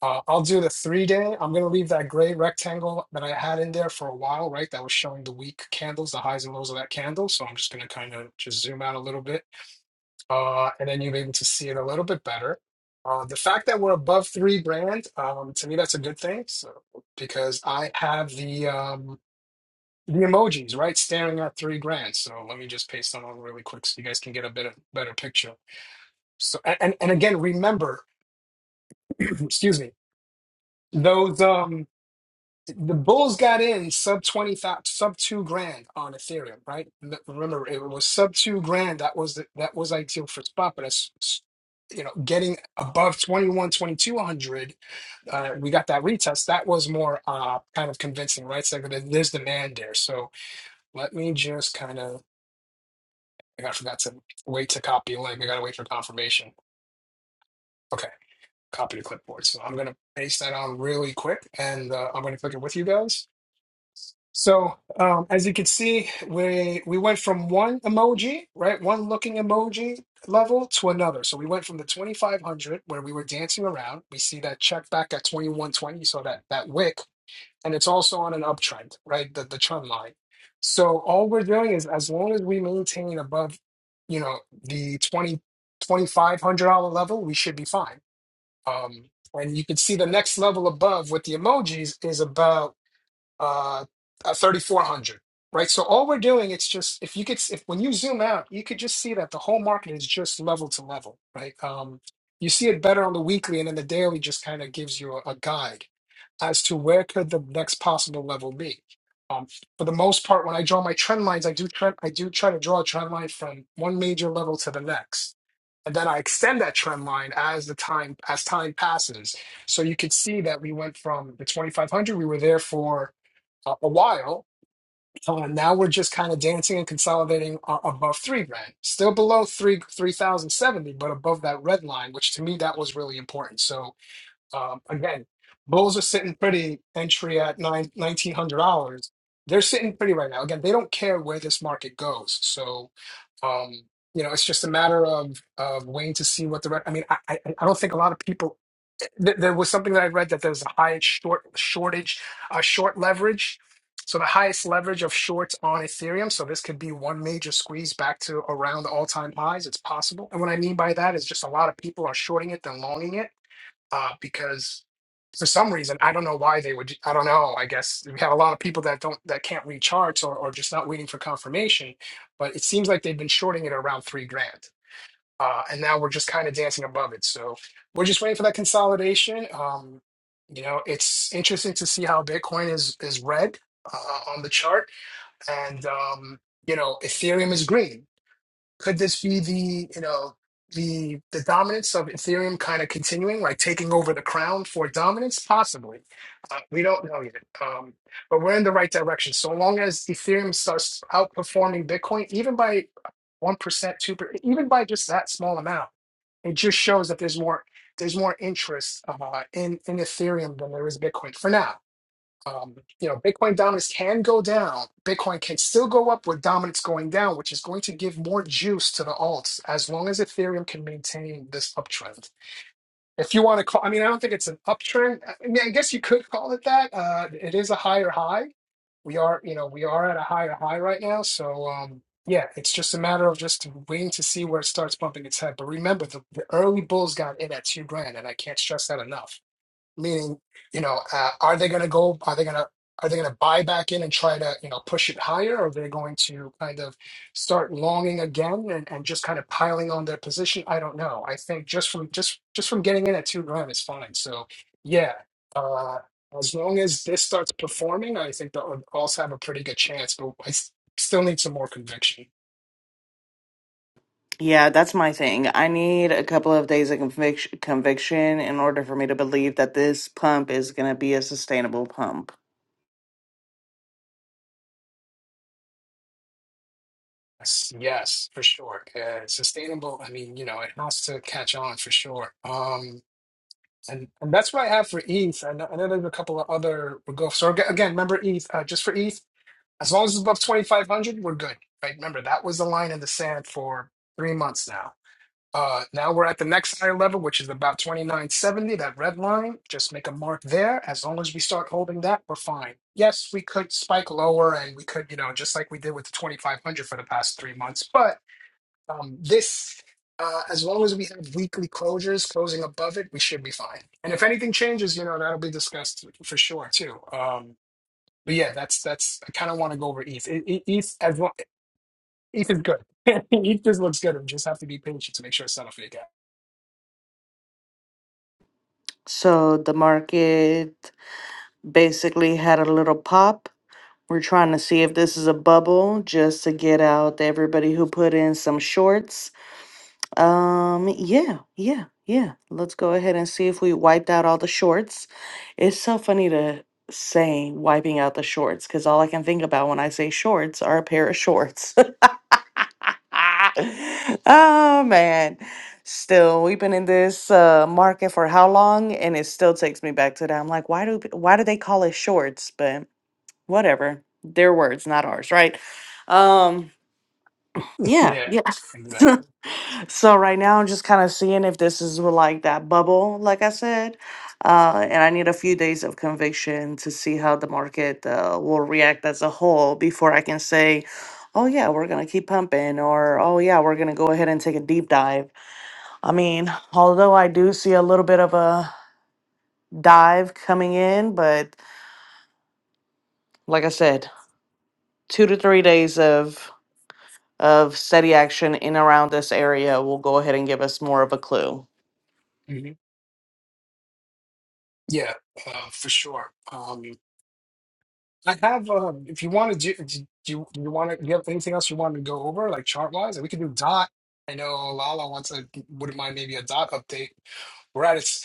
Speaker 1: Uh, I'll do the three day. I'm going to leave that gray rectangle that I had in there for a while, right? That was showing the weak candles, the highs and lows of that candle. So I'm just going to kind of just zoom out a little bit uh, and then you'll be able to see it a little bit better. Uh, the fact that we're above three brand, um, to me, that's a good thing. So because I have the um, the emojis right staring at three grand. So let me just paste them on really quick so you guys can get a bit of better picture. So and and and again, remember, excuse me, those. Um, the bulls got in sub 20 thousand, sub 2 grand on ethereum right N- remember it was sub 2 grand that was the, that was ideal for spot but as s- you know getting above 21 2200, uh, we got that retest that was more uh kind of convincing right so there- there's demand there so let me just kind of i got- forgot to wait to copy a link i gotta wait for confirmation okay copy to clipboard so i'm gonna paste that on really quick and uh, i'm gonna click it with you guys So, um, as you can see, we we went from one emoji, right, one looking emoji level to another. So we went from the 2500 where we were dancing around. We see that check back at 2120, so that that wick, and it's also on an uptrend, right, the the trend line. So all we're doing is as long as we maintain above, you know, the twenty twenty dollar level, we should be fine. Um, and you can see the next level above with the emojis is about uh, uh 3400 right so all we're doing it's just if you could s- if when you zoom out you could just see that the whole market is just level to level right um you see it better on the weekly and then the daily just kind of gives you a, a guide as to where could the next possible level be um for the most part when i draw my trend lines i do trend i do try to draw a trend line from one major level to the next and then i extend that trend line as the time as time passes so you could see that we went from the 2500 we were there for a a while. Uh, now we're just kind of dancing and consolidating uh, above three grand, still below three three thousand seventy, but above that red line, which to me that was really important. So um, again, Bulls are sitting pretty entry at nine nineteen hundred dollars. They're sitting pretty right now. Again, they don't care where this market goes. So, um, you know, it's just a matter of of waiting to see what the. Re- I mean, I, I I don't think a lot of people. Th- there was something that I read that there's a high short shortage, uh, short leverage. So the highest leverage of shorts on Ethereum. So this could be one major squeeze back to around the all-time highs. It's possible. And what I mean by that is just a lot of people are shorting it than longing it uh, because for some reason I don't know why they would. I don't know. I guess we have a lot of people that don't that can't read charts or or just not waiting for confirmation. But it seems like they've been shorting it around three grand, uh, and now we're just kind of dancing above it. So we're just waiting for that consolidation. Um, you know, it's interesting to see how Bitcoin is is red uh, on the chart, and um, you know, Ethereum is green could this be the you know the the dominance of ethereum kind of continuing like taking over the crown for dominance possibly uh, we don't know yet um, but we're in the right direction so long as ethereum starts outperforming bitcoin even by 1% 2% even by just that small amount it just shows that there's more there's more interest uh, in in ethereum than there is bitcoin for now um, you know, Bitcoin dominance can go down. Bitcoin can still go up with dominance going down, which is going to give more juice to the alts as long as Ethereum can maintain this uptrend. If you want to call, I mean, I don't think it's an uptrend. I mean, I guess you could call it that. Uh, it is a higher high. We are, you know, we are at a higher high right now. So, um, yeah, it's just a matter of just waiting to see where it starts bumping its head. But remember, the, the early bulls got in at two grand, and I can't stress that enough meaning you know uh, are they going to go are they going to are they going to buy back in and try to you know push it higher or are they going to kind of start longing again and, and just kind of piling on their position i don't know i think just from just just from getting in at two grand is fine so yeah uh as long as this starts performing i think they'll also have a pretty good chance but i s- still need some more conviction
Speaker 2: Yeah, that's my thing. I need a couple of days of conviction conviction in order for me to believe that this pump is gonna be a sustainable pump.
Speaker 1: Yes, yes, for sure. Yeah, sustainable. I mean, you know, it has to catch on for sure. Um, and, and that's what I have for ETH. I know, I know there's a couple of other we're go. So aga- again, remember ETH. Uh, just for ETH, as long as it's above 2,500, we're good. Right? Remember that was the line in the sand for three months now. Uh, now we're at the next higher level, which is about 2970. That red line. Just make a mark there. As long as we start holding that, we're fine. Yes, we could spike lower, and we could, you know, just like we did with the 2,500 for the past three months, but um, this, uh, as long as we have weekly closures closing above it, we should be fine. And if anything changes, you know, that'll be discussed for sure too. Um, but yeah, that's that's. I kind of want to go over ETH. E- E- ETH as well. ETH is good. ETH just looks good. We just have to be patient to make sure it's not a fake app.
Speaker 2: So the market basically had a little pop We're trying to see if this is a bubble just to get out everybody who put in some shorts. Um, yeah, yeah, yeah. Let's go ahead and see if we wiped out all the shorts. It's so funny to say wiping out the shorts because all I can think about when I say shorts are a pair of shorts. oh man. Still, we've been in this uh, market for how long, and it still takes me back to that. I'm like, why do why do they call it shorts? But whatever their words not ours right um yeah
Speaker 1: yeah,
Speaker 2: yeah
Speaker 1: and develop.
Speaker 2: so right now i'm just kind of seeing if this is what, like that bubble like i said uh and i need a few days of conviction to see how the market uh, will react as a whole before i can say oh yeah we're gonna keep pumping or oh yeah we're gonna go ahead and take a deep dive i mean although i do see a little bit of a dive coming in but like i said two to three days of of steady action in around this area will go ahead and give us more of a clue.
Speaker 1: hmm Yeah, uh, for sure. Um, I have. Uh, if you want to do, do you, you want to? You have anything else you want to go over, like chart wise? We could do dot. I know Lala wants a wouldn't mind maybe a dot update. We're at its,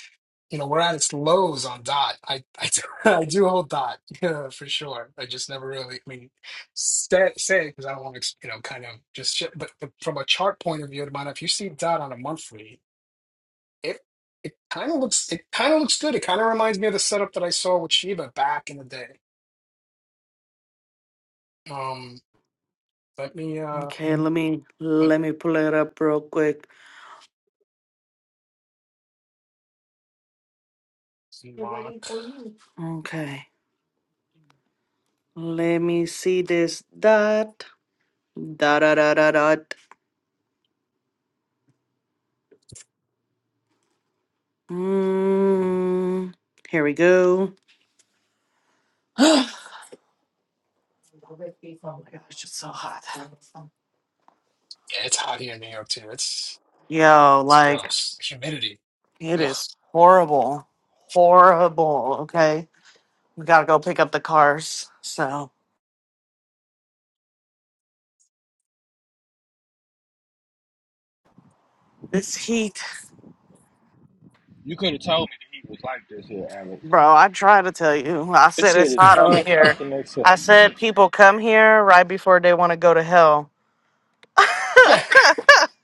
Speaker 1: you know, we're at its lows on dot. I I do, I do hold dot yeah, for sure. I just never really. I mean, say say because I don't want to, you know, kind of just. sh- But, but from a chart point of view, Adamana, if you see dot on a monthly, it it kind of looks it kind of looks good. It kind of reminds me of the setup that I saw with Shiba back in the day. Um. Let me uh
Speaker 2: Okay, let me
Speaker 1: let
Speaker 2: let me pull it up real quick.
Speaker 1: me
Speaker 2: They're
Speaker 1: mark.
Speaker 2: waiting for you. Okay. Let me see this dot. Da da da da dot. Mm, here we go. oh my gosh, it's so hot.
Speaker 1: Yeah, it's hot here in New York too. It's
Speaker 2: Yo,
Speaker 1: it's
Speaker 2: like
Speaker 1: gross. Humidity.
Speaker 2: it
Speaker 1: Ugh.
Speaker 2: is horrible. Horrible. Okay. We gotta go pick up the cars. So this heat.
Speaker 3: You could have told me that he was like this here, Alex.
Speaker 2: Bro, I try to tell you. I
Speaker 3: This
Speaker 2: said
Speaker 3: shit
Speaker 2: it's
Speaker 3: is
Speaker 2: hot over here.
Speaker 3: unfucking
Speaker 2: I
Speaker 3: accept.
Speaker 2: said people come here right before they want to go to hell.
Speaker 1: Yeah,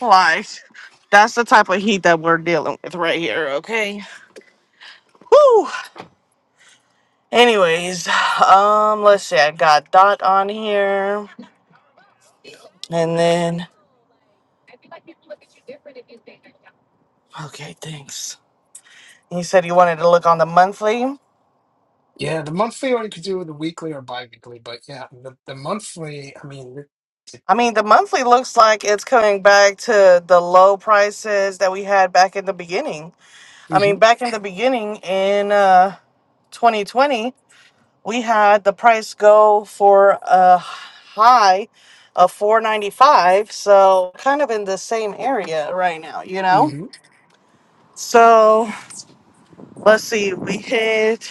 Speaker 2: like, that's the type of heat that we're dealing with right here, okay? Whew. Anyways, um, let's see. I got Dot on here. And then, okay, thanks. You said you wanted to look on the monthly.
Speaker 1: Yeah, the monthly or you could do the weekly or bi-weekly, but yeah, the, the monthly, I mean,
Speaker 2: I mean, the monthly looks like it's coming back to the low prices that we had back in the beginning. I mean,
Speaker 1: hmm
Speaker 2: back in the beginning in uh, 2020, we had the price go for a high of 495. So kind of in the same area right now, you know?
Speaker 1: hmm
Speaker 2: So let's see, we hit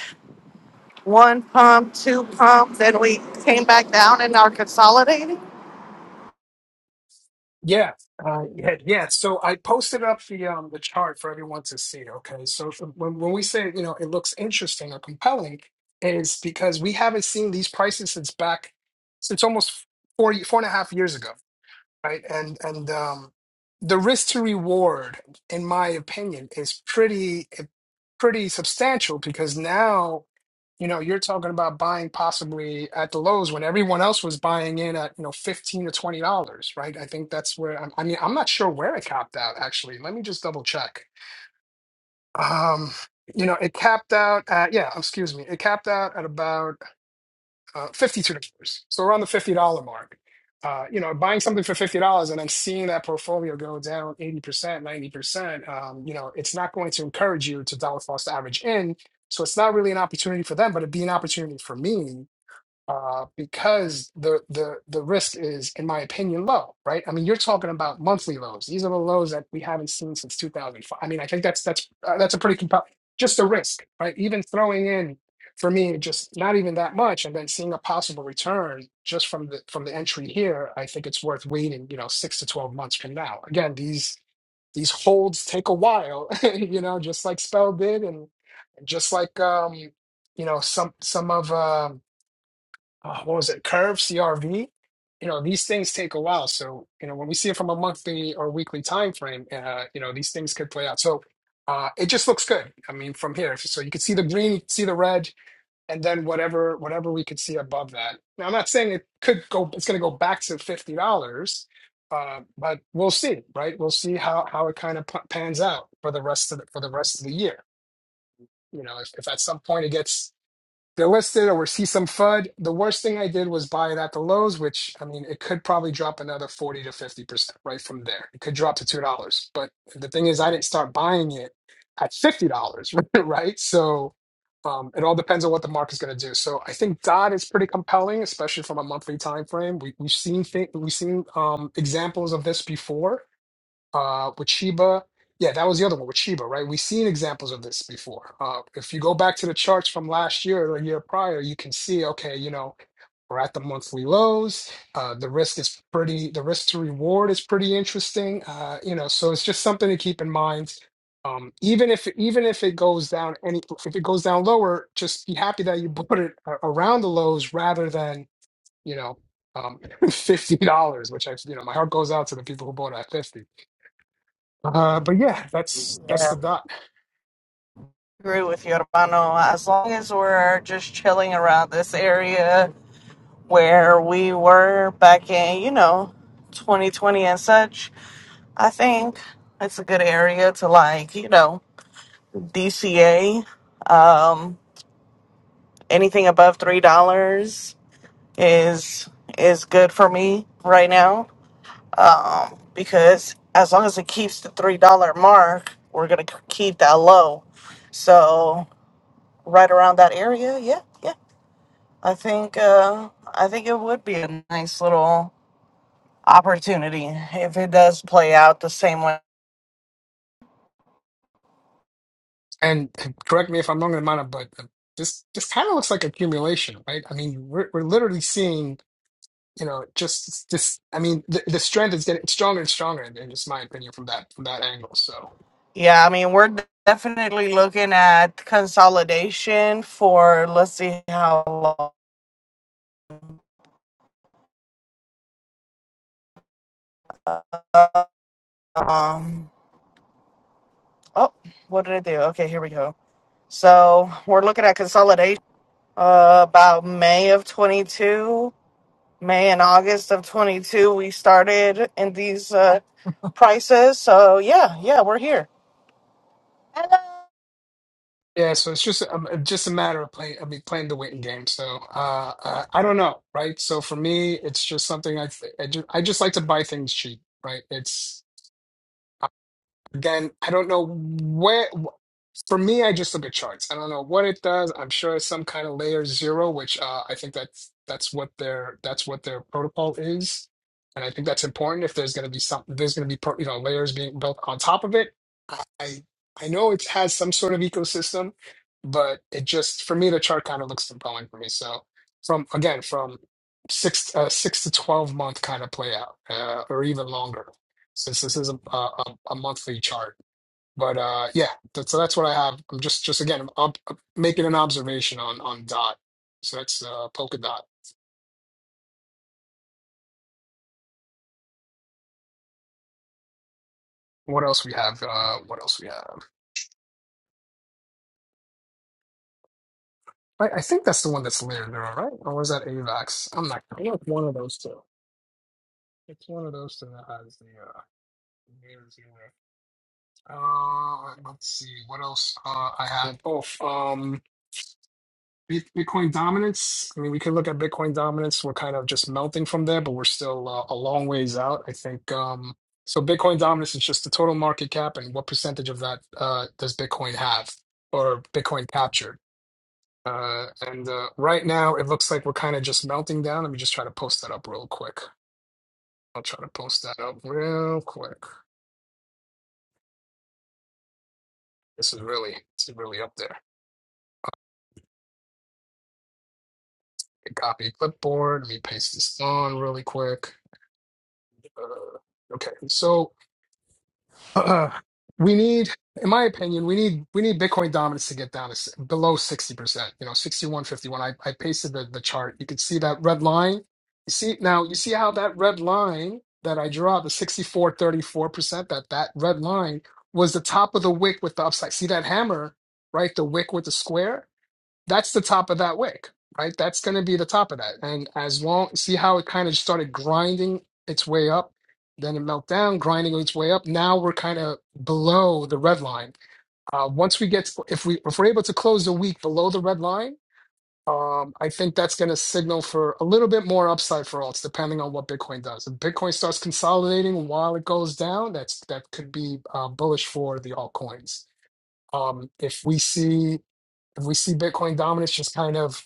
Speaker 2: one pump, two pump, then we came back down and are consolidating.
Speaker 1: Yeah, uh, yeah, yeah. So I posted up the um the chart for everyone to see. Okay, so if- when when we say you know it looks interesting or compelling, is because we haven't seen these prices since back since almost four four and a half years ago. right? And and um, the risk to reward, in my opinion, is pretty eh, pretty substantial because now, you know, you're talking about buying possibly at the lows when everyone else was buying in at, you know, 15 to 20 dollars, right? I think that's where I'm, I mean, I'm not sure where it capped out actually. Let me just double check. Um, you know, it capped out at, yeah, excuse me, it capped out at about uh, $52. So around the $50 mark. Uh, you know, buying something for $50 and then seeing that portfolio go down 80%, 90%, um, you know, it's not going to encourage you to dollar cost average in. So it's not really an opportunity for them, but it'd be an opportunity for me uh, because the the the risk is, in my opinion, low, right? I mean, you're talking about monthly lows. These are the lows that we haven't seen since 2005. I mean, I think that's that's uh, that's a pretty compelling. Just the risk, right? Even throwing in for me, just not even that much, and then seeing a possible return just from the from the entry here. I think it's worth waiting, you know, six to 12 months from now. Again, these these holds take a while, you know, just like Spell did, and just like um, you know, some some of. um uh, what was it, Curve, CRV. You know, these things take a while. So, you know, when we see it from a monthly or weekly time frame, uh, you know, these things could play out. So uh, it just looks good. I mean, from here. So you could see the green, you could see the red, and then whatever whatever we could see above that. Now, I'm not saying it could go, it's going to go back to $50, uh, but we'll see, right? We'll see how how it kind of pans out for the rest of the, for the rest of the year. You know, if, if at some point it gets they're listed or see some FUD. The worst thing I did was buy it at the lows, which I mean, it could probably drop another 40 to 50% right from there. It could drop to $2. But the thing is, I didn't start buying it at $50, right? So um, it all depends on what the market's going to do. So I think DOT is pretty compelling, especially from a monthly time frame. We, we've seen th- we've seen um, examples of this before uh, with Chiba, Yeah, that was the other one with Chiba, right? We've seen examples of this before. Uh, if you go back to the charts from last year or the year prior, you can see, okay, you know, we're at the monthly lows. Uh, the risk is pretty, the risk to reward is pretty interesting. Uh, you know, so it's just something to keep in mind. Um, even if even if it goes down any if it goes down lower, just be happy that you bought it a- around the lows rather than you know um, fifty dollars, which I you know my heart goes out to the people who bought it at fifty uh, but yeah, that's that's
Speaker 2: Yeah.
Speaker 1: the dot.
Speaker 2: Agree with you, hermano. As long as we're just chilling around this area where we were back in, you know, 2020 and such. I think it's a good area to like, you know, DCA. Um, anything above three dollars is is good for me right now um, because as long as it keeps the three dollar mark, we're gonna k- keep that low. So right around that area, yeah, yeah. I think uh, I think it would be a nice little opportunity if it does play out the same way.
Speaker 1: And correct me if I'm wrong, Amanda, but this this kind of looks like accumulation, right? I mean, we're we're literally seeing, you know, just this. I mean, the, the strength is getting stronger and stronger, in, in just my opinion, from that from that angle. So
Speaker 2: Yeah, I mean, we're definitely looking at consolidation for let's see how long. Um, oh, what did I do? Okay, here we go. So we're looking at consolidation uh, about May of 22, May and August of 22. We started in these uh, prices. So yeah, yeah, we're here. Hello.
Speaker 1: yeah, so it's just um, just a matter of playing. I mean, playing the waiting game. So uh, uh, I don't know, right? So for me, it's just something I I just, I just like to buy things cheap, right? It's then I don't know where. For me, I just look at charts. I don't know what it does. I'm sure it's some kind of layer zero, which uh, I think that's that's what their that's what their protocol is, and I think that's important. If there's going to be something, there's going to be pro, you know layers being built on top of it. I I I know it has some sort of ecosystem, but it just for me the chart kind of looks compelling for me. So from again from six uh, six to twelve month kind of play out, uh, or even longer since this is a, a, a a monthly chart. But uh, yeah, that's, so that's what I have. I'm just just again I'm, up- up- making an observation on on dot. So that's uh, polka dot. What else we have? Uh, what else we have? I, I think that's the one that's layered there, right? Or was that AVAX? I'm not. sure. I know it's one of those two. It's one of those two that has the uh, layers in there. Uh, let's see what else uh, I have. Oh, um, Bit- Bitcoin dominance. I mean, we could look at Bitcoin dominance. We're kind of just melting from there, but we're still uh, a long ways out. I think um, so. Bitcoin dominance is just the total market cap, and what percentage of that uh, does Bitcoin have or Bitcoin captured? Uh, and uh, right now, it looks like we're kind of just melting down. Let me just try to post that up real quick. I'll try to post that up real quick. This is really, this is really up there. Copy clipboard. Let me paste this on really quick. Uh, okay, so. Uh, we need, in my opinion, we need we need Bitcoin dominance to get down to s- below sixty percent. You know, sixty one fifty one. I I pasted the the chart. You can see that red line. You see now. You see how that red line that I draw the sixty four thirty four percent. That that red line was the top of the wick with the upside. See that hammer, right? The wick with the square that's the top of that wick, right? That's going to be the top of that. And as long, see how it kind of started grinding its way up, then it melted down, grinding its way up. Now we're kind of below the red line. Uh, once we get, to, if we if we're able to close the week below the red line, um, I think that's going to signal for a little bit more upside for alts, depending on what Bitcoin does. If Bitcoin starts consolidating while it goes down, that's that could be uh, bullish for the altcoins. Um, if we see if we see Bitcoin dominance just kind of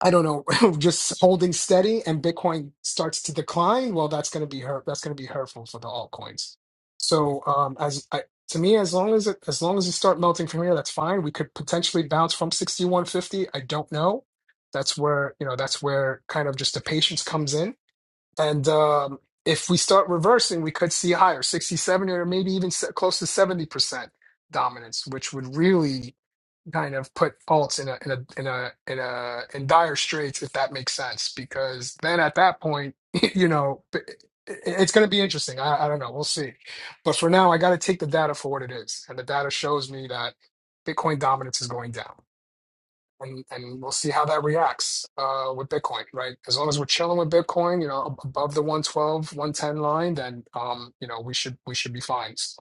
Speaker 1: I don't know, just holding steady and Bitcoin starts to decline, well, that's going to be hurt. That's going to be hurtful for the altcoins. So, um, as I, to me, as long as it, as long as you start melting from here, that's fine. We could potentially bounce from 6150. I don't know. That's where, you know, that's where kind of just the patience comes in and um, if we start reversing, we could see higher 67 or maybe even se- close to 70% dominance, which would really kind of put Fultz in a in a in a in a in dire straits if that makes sense because then at that point you know i- i- it's going to be interesting I, I don't know we'll see but for now I got to take the data for what it is and the data shows me that Bitcoin dominance is going down and and we'll see how that reacts uh, with Bitcoin, right? As long as we're chilling with Bitcoin, you know, above the one twelve, one ten line, then um, you know, we should we should be fine. S-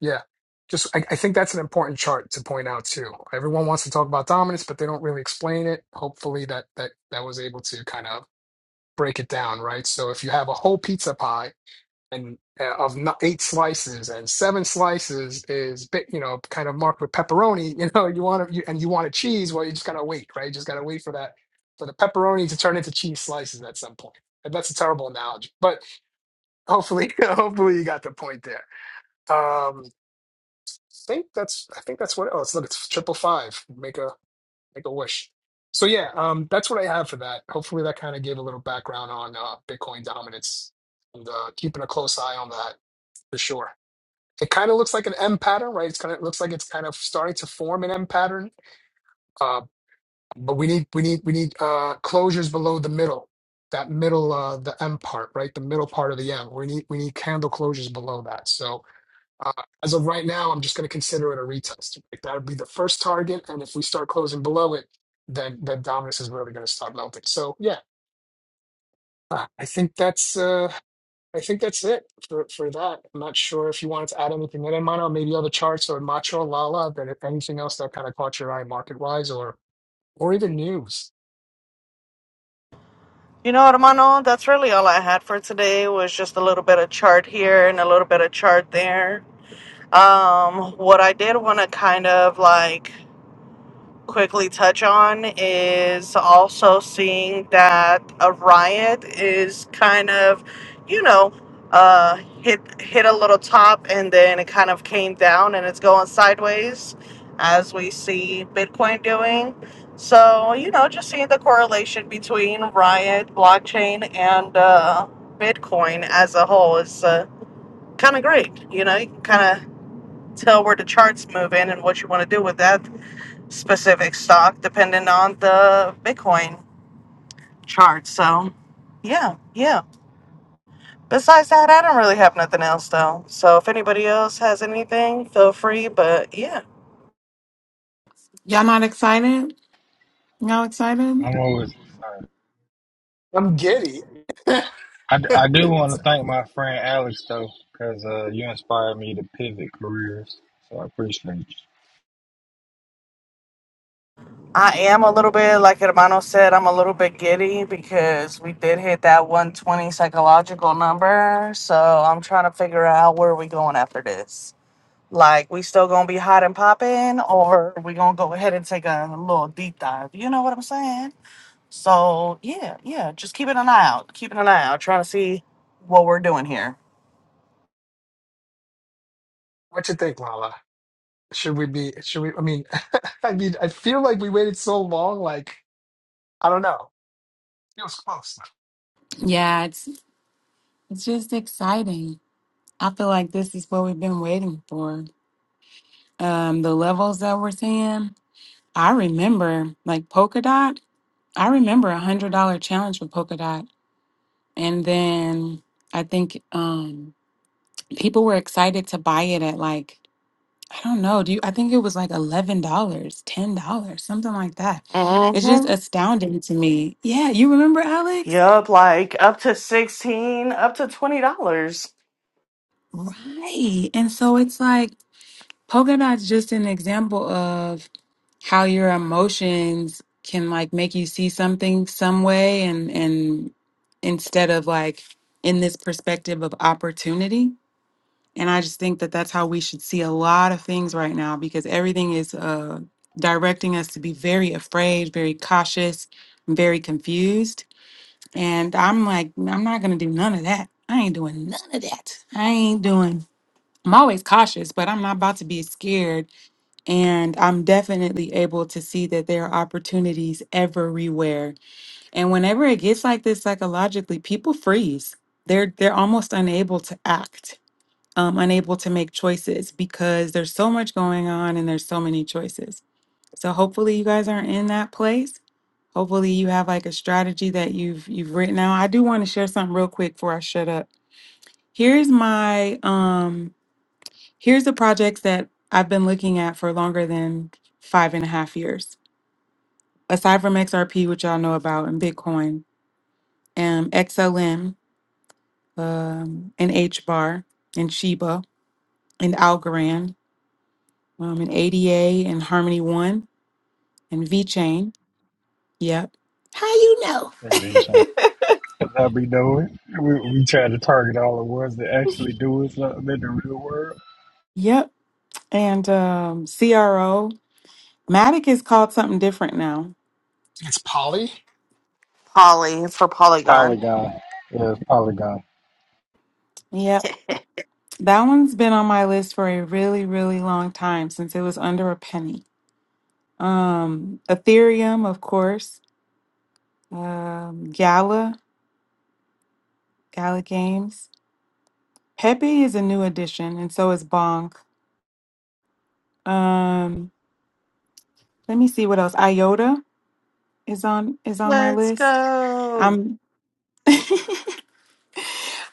Speaker 1: Yeah. Just I, I think that's an important chart to point out too. Everyone wants to talk about dominance, but they don't really explain it. Hopefully that that that was able to kind of break it down, right? So if you have a whole pizza pie and uh, of n- eight slices and seven slices is bit you know kind of marked with pepperoni you know you want to you, and you want a cheese well you just gotta wait right you just gotta wait for that for the pepperoni to turn into cheese slices at some point and that's a terrible analogy but hopefully hopefully you got the point there um i think that's i think that's what oh it's look it's triple five make a make a wish so yeah um that's what i have for that hopefully that kind of gave a little background on uh bitcoin dominance and uh keeping a close eye on that for sure it kind of looks like an M pattern, right? It's kind of it looks like it's kind of starting to form an M pattern. Uh, but we need we need we need uh, closures below the middle, that middle uh, the M part, right? The middle part of the M. We need we need candle closures below that. So uh, as of right now, I'm just going to consider it a retest. Like, that would be the first target, and if we start closing below it, then then dominance is really going to start melting. So yeah, uh, I think that's. uh, I think that's it for, for that. I'm not sure if you wanted to add anything in, Mono, maybe other charts or Macho Lala, but if anything else that kind of caught your eye market wise or or even news.
Speaker 2: You know, Hermano, that's really all I had for today was just a little bit of chart here and a little bit of chart there. Um, what I did want to kind of like quickly touch on is also seeing that a riot is kind of, you know, uh, hit hit a little top and then it kind of came down and it's going sideways, as we see Bitcoin doing. So you know, just seeing the correlation between riot, blockchain, and uh, Bitcoin as a whole is uh, kind of great. You know, you can kind of tell where the charts move in and what you want to do with that specific stock depending on the Bitcoin chart. So, yeah, yeah. Besides that, I don't really have nothing else though. So, if anybody else has anything, feel free. But yeah,
Speaker 4: Y'all not excited? Y'all excited?
Speaker 3: I'm always excited.
Speaker 1: I'm giddy.
Speaker 3: I I do want to thank my friend Alex though, because uh, you inspired me to pivot careers. So I appreciate
Speaker 2: I am a little bit, like Hermano said, I'm a little bit giddy because we did hit that 120 psychological number. So, I'm trying to figure out where we going after this. Like, we still gonna be hot and popping, or we gonna go ahead and take a little deep dive? You know what I'm saying? So yeah, yeah, just keeping an eye out, keeping an eye out, trying to see what we're doing here.
Speaker 1: What you think, Lala? Should we be should we I mean I mean I feel like we waited so long, like I don't know. Feels close.
Speaker 4: Yeah, it's it's just exciting. I feel like this is what we've been waiting for. Um, the levels that we're seeing. I remember like Polkadot. I remember a hundred dollar challenge with Polkadot. And then I think um people were excited to buy it at like I don't know, do you I think it was like eleven dollars, ten dollars, something like that. It's just
Speaker 2: Mm-hmm.
Speaker 4: astounding to me. Yeah, you remember Alex?
Speaker 2: Yup, like up to sixteen, up to twenty dollars.
Speaker 4: Right. And so it's like polka dots just an example of how your emotions can like make you see something some way and and instead of like in this perspective of opportunity. And I just think that that's how we should see a lot of things right now because everything is uh directing us to be very afraid, very cautious, very confused. And I'm like I'm not going to do none of that. I ain't doing none of that. I ain't doing I'm always cautious, but I'm not about to be scared. And I'm definitely able to see that there are opportunities everywhere. And whenever it gets like this psychologically, people freeze. They're they're almost unable to act, um, unable to make choices because there's so much going on and there's so many choices. So hopefully you guys aren't in that place. Hopefully you have like a strategy that you've you've written out. I do want to share something real quick before I shut up. Here's my um Here's the projects that I've been looking at for longer than five and a half years. Aside from XRP, which y'all know about, and Bitcoin, um, XLM, um, and HBAR, and Shiba, and Algorand, um, and ADA, and Harmony One, and VeChain, Yep. How you know?
Speaker 3: you. Because I be doing. it. We, we try to target all the ones that actually do it something in the real world.
Speaker 4: Yep. And um, CRO. Matic is called something different now.
Speaker 1: It's Polly
Speaker 2: Poly for Polygon.
Speaker 3: Polygon. Yeah, it's Polygon.
Speaker 4: Yep. That one's been on my list for a really, really long time since it was under a penny. Um, Ethereum, of course, um, Gala, Gala Games. Pepe is a new addition, and so is Bonk. Um, let me see what else. IOTA is on is on my
Speaker 2: Let's
Speaker 4: list.
Speaker 2: go.
Speaker 4: I'm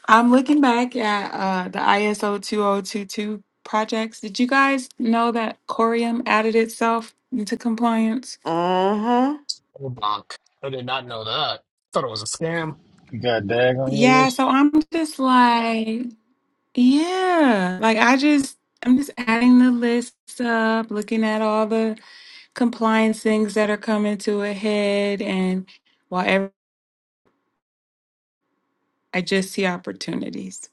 Speaker 4: I'm looking back at uh, the ISO 2022 projects. Did you guys know that Corium added itself into compliance?
Speaker 2: Mm-hmm.
Speaker 1: or Bonk. I did not know that. Thought it was a scam.
Speaker 3: You got Dag on your
Speaker 4: Yeah,
Speaker 3: list?
Speaker 4: so I'm just like Yeah, like I just I'm just adding the lists up, looking at all the compliance things that are coming to a head, and whatever I just see opportunities.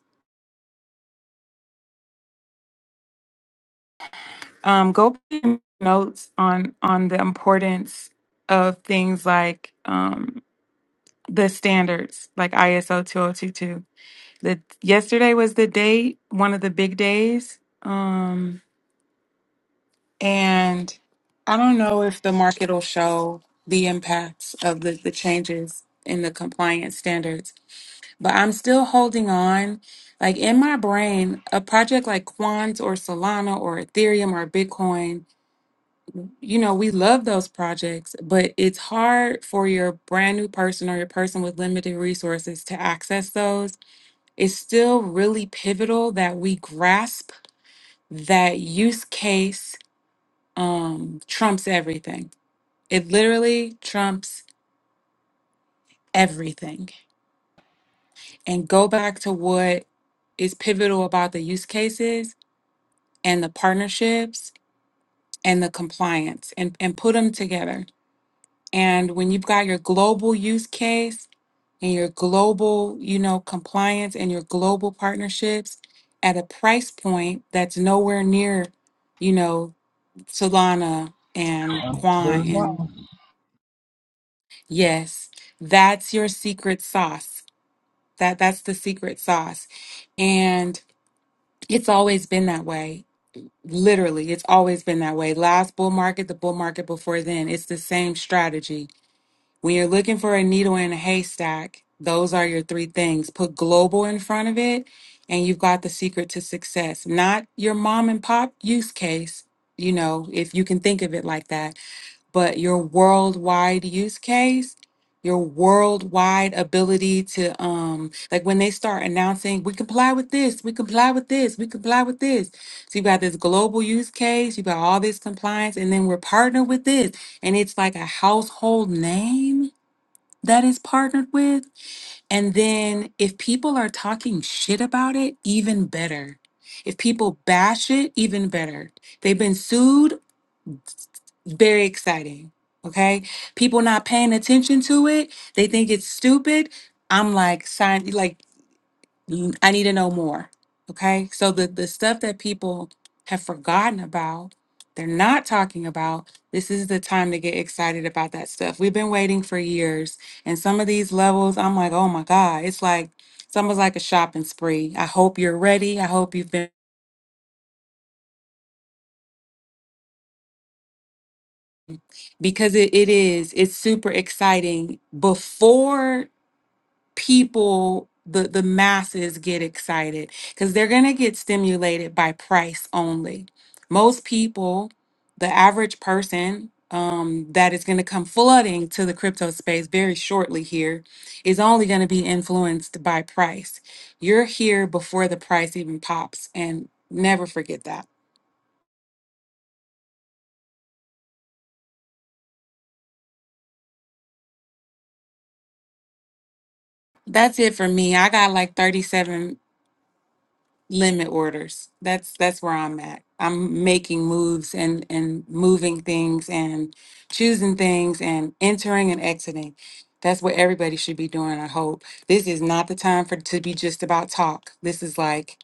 Speaker 4: Um, go back to notes on on the importance of things like um the standards, like ISO 2022. The yesterday was the date, one of the big days. Um. And I don't know if the market will show the impacts of the, the changes in the compliance standards, but I'm still holding on. Like in my brain, a project like Quant or Solana or Ethereum or Bitcoin, you know, we love those projects, but it's hard for your brand new person or your person with limited resources to access those. It's still really pivotal that we grasp that use case um, trumps everything It literally trumps everything. And go back to what is pivotal about the use cases and the partnerships and the compliance and, and put them together. And when you've got your global use case and your global, you know, compliance and your global partnerships at a price point that's nowhere near, you know, Solana and
Speaker 3: Under
Speaker 4: Quan
Speaker 3: a
Speaker 4: and
Speaker 3: dollar.
Speaker 4: yes, that's your secret sauce That that's the secret sauce. And it's always been that way. Literally, it's always been that way. Last bull market, the bull market before then, it's the same strategy. When you're looking for a needle in a haystack, those are your three things. Put global in front of it, and you've got the secret to success. Not your mom and pop use case, you know, if you can think of it like that but your worldwide use case, your worldwide ability to um like when they start announcing we comply with this, we comply with this, we comply with this. So you got this global use case, you got all this compliance, and then we're partnered with this. And it's like a household name that is partnered with. And then if people are talking shit about it, even better. If people bash it, even better. They've been sued very exciting. Okay. People not paying attention to it. They think it's stupid. I'm like, sign like mm, I need to know more. Okay. So the, the stuff that people have forgotten about, they're not talking about, this is the time to get excited about that stuff. We've been waiting for years. And some of these levels, I'm like, oh my God. It's like it's almost like a shopping spree. I hope you're ready. I hope you've been because it, it is, it's super exciting before people the the masses get excited because they're going to get stimulated by price only most people the average person um, that is going to come flooding to the crypto space very shortly here is only going to be influenced by price you're here before the price even pops and never forget that that's it for me i got like 37 limit orders. That's that's where I'm at. I'm making moves and and moving things and choosing things and entering and exiting. That's what everybody should be doing, I hope. This is not the time for to be just about talk. This is like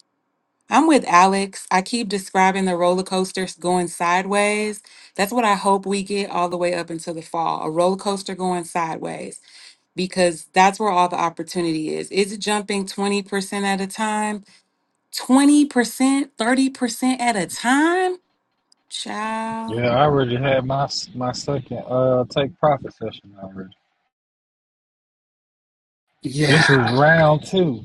Speaker 4: I'm with Alex. I keep describing the roller coasters going sideways. That's what I hope we get all the way up until the fall. A roller coaster going sideways because that's where all the opportunity is. Is it jumping 20% at a time? 20%, 30% at a time? Child.
Speaker 3: Yeah, I already had my my second uh take profit session already.
Speaker 1: Yeah.
Speaker 3: This was round two.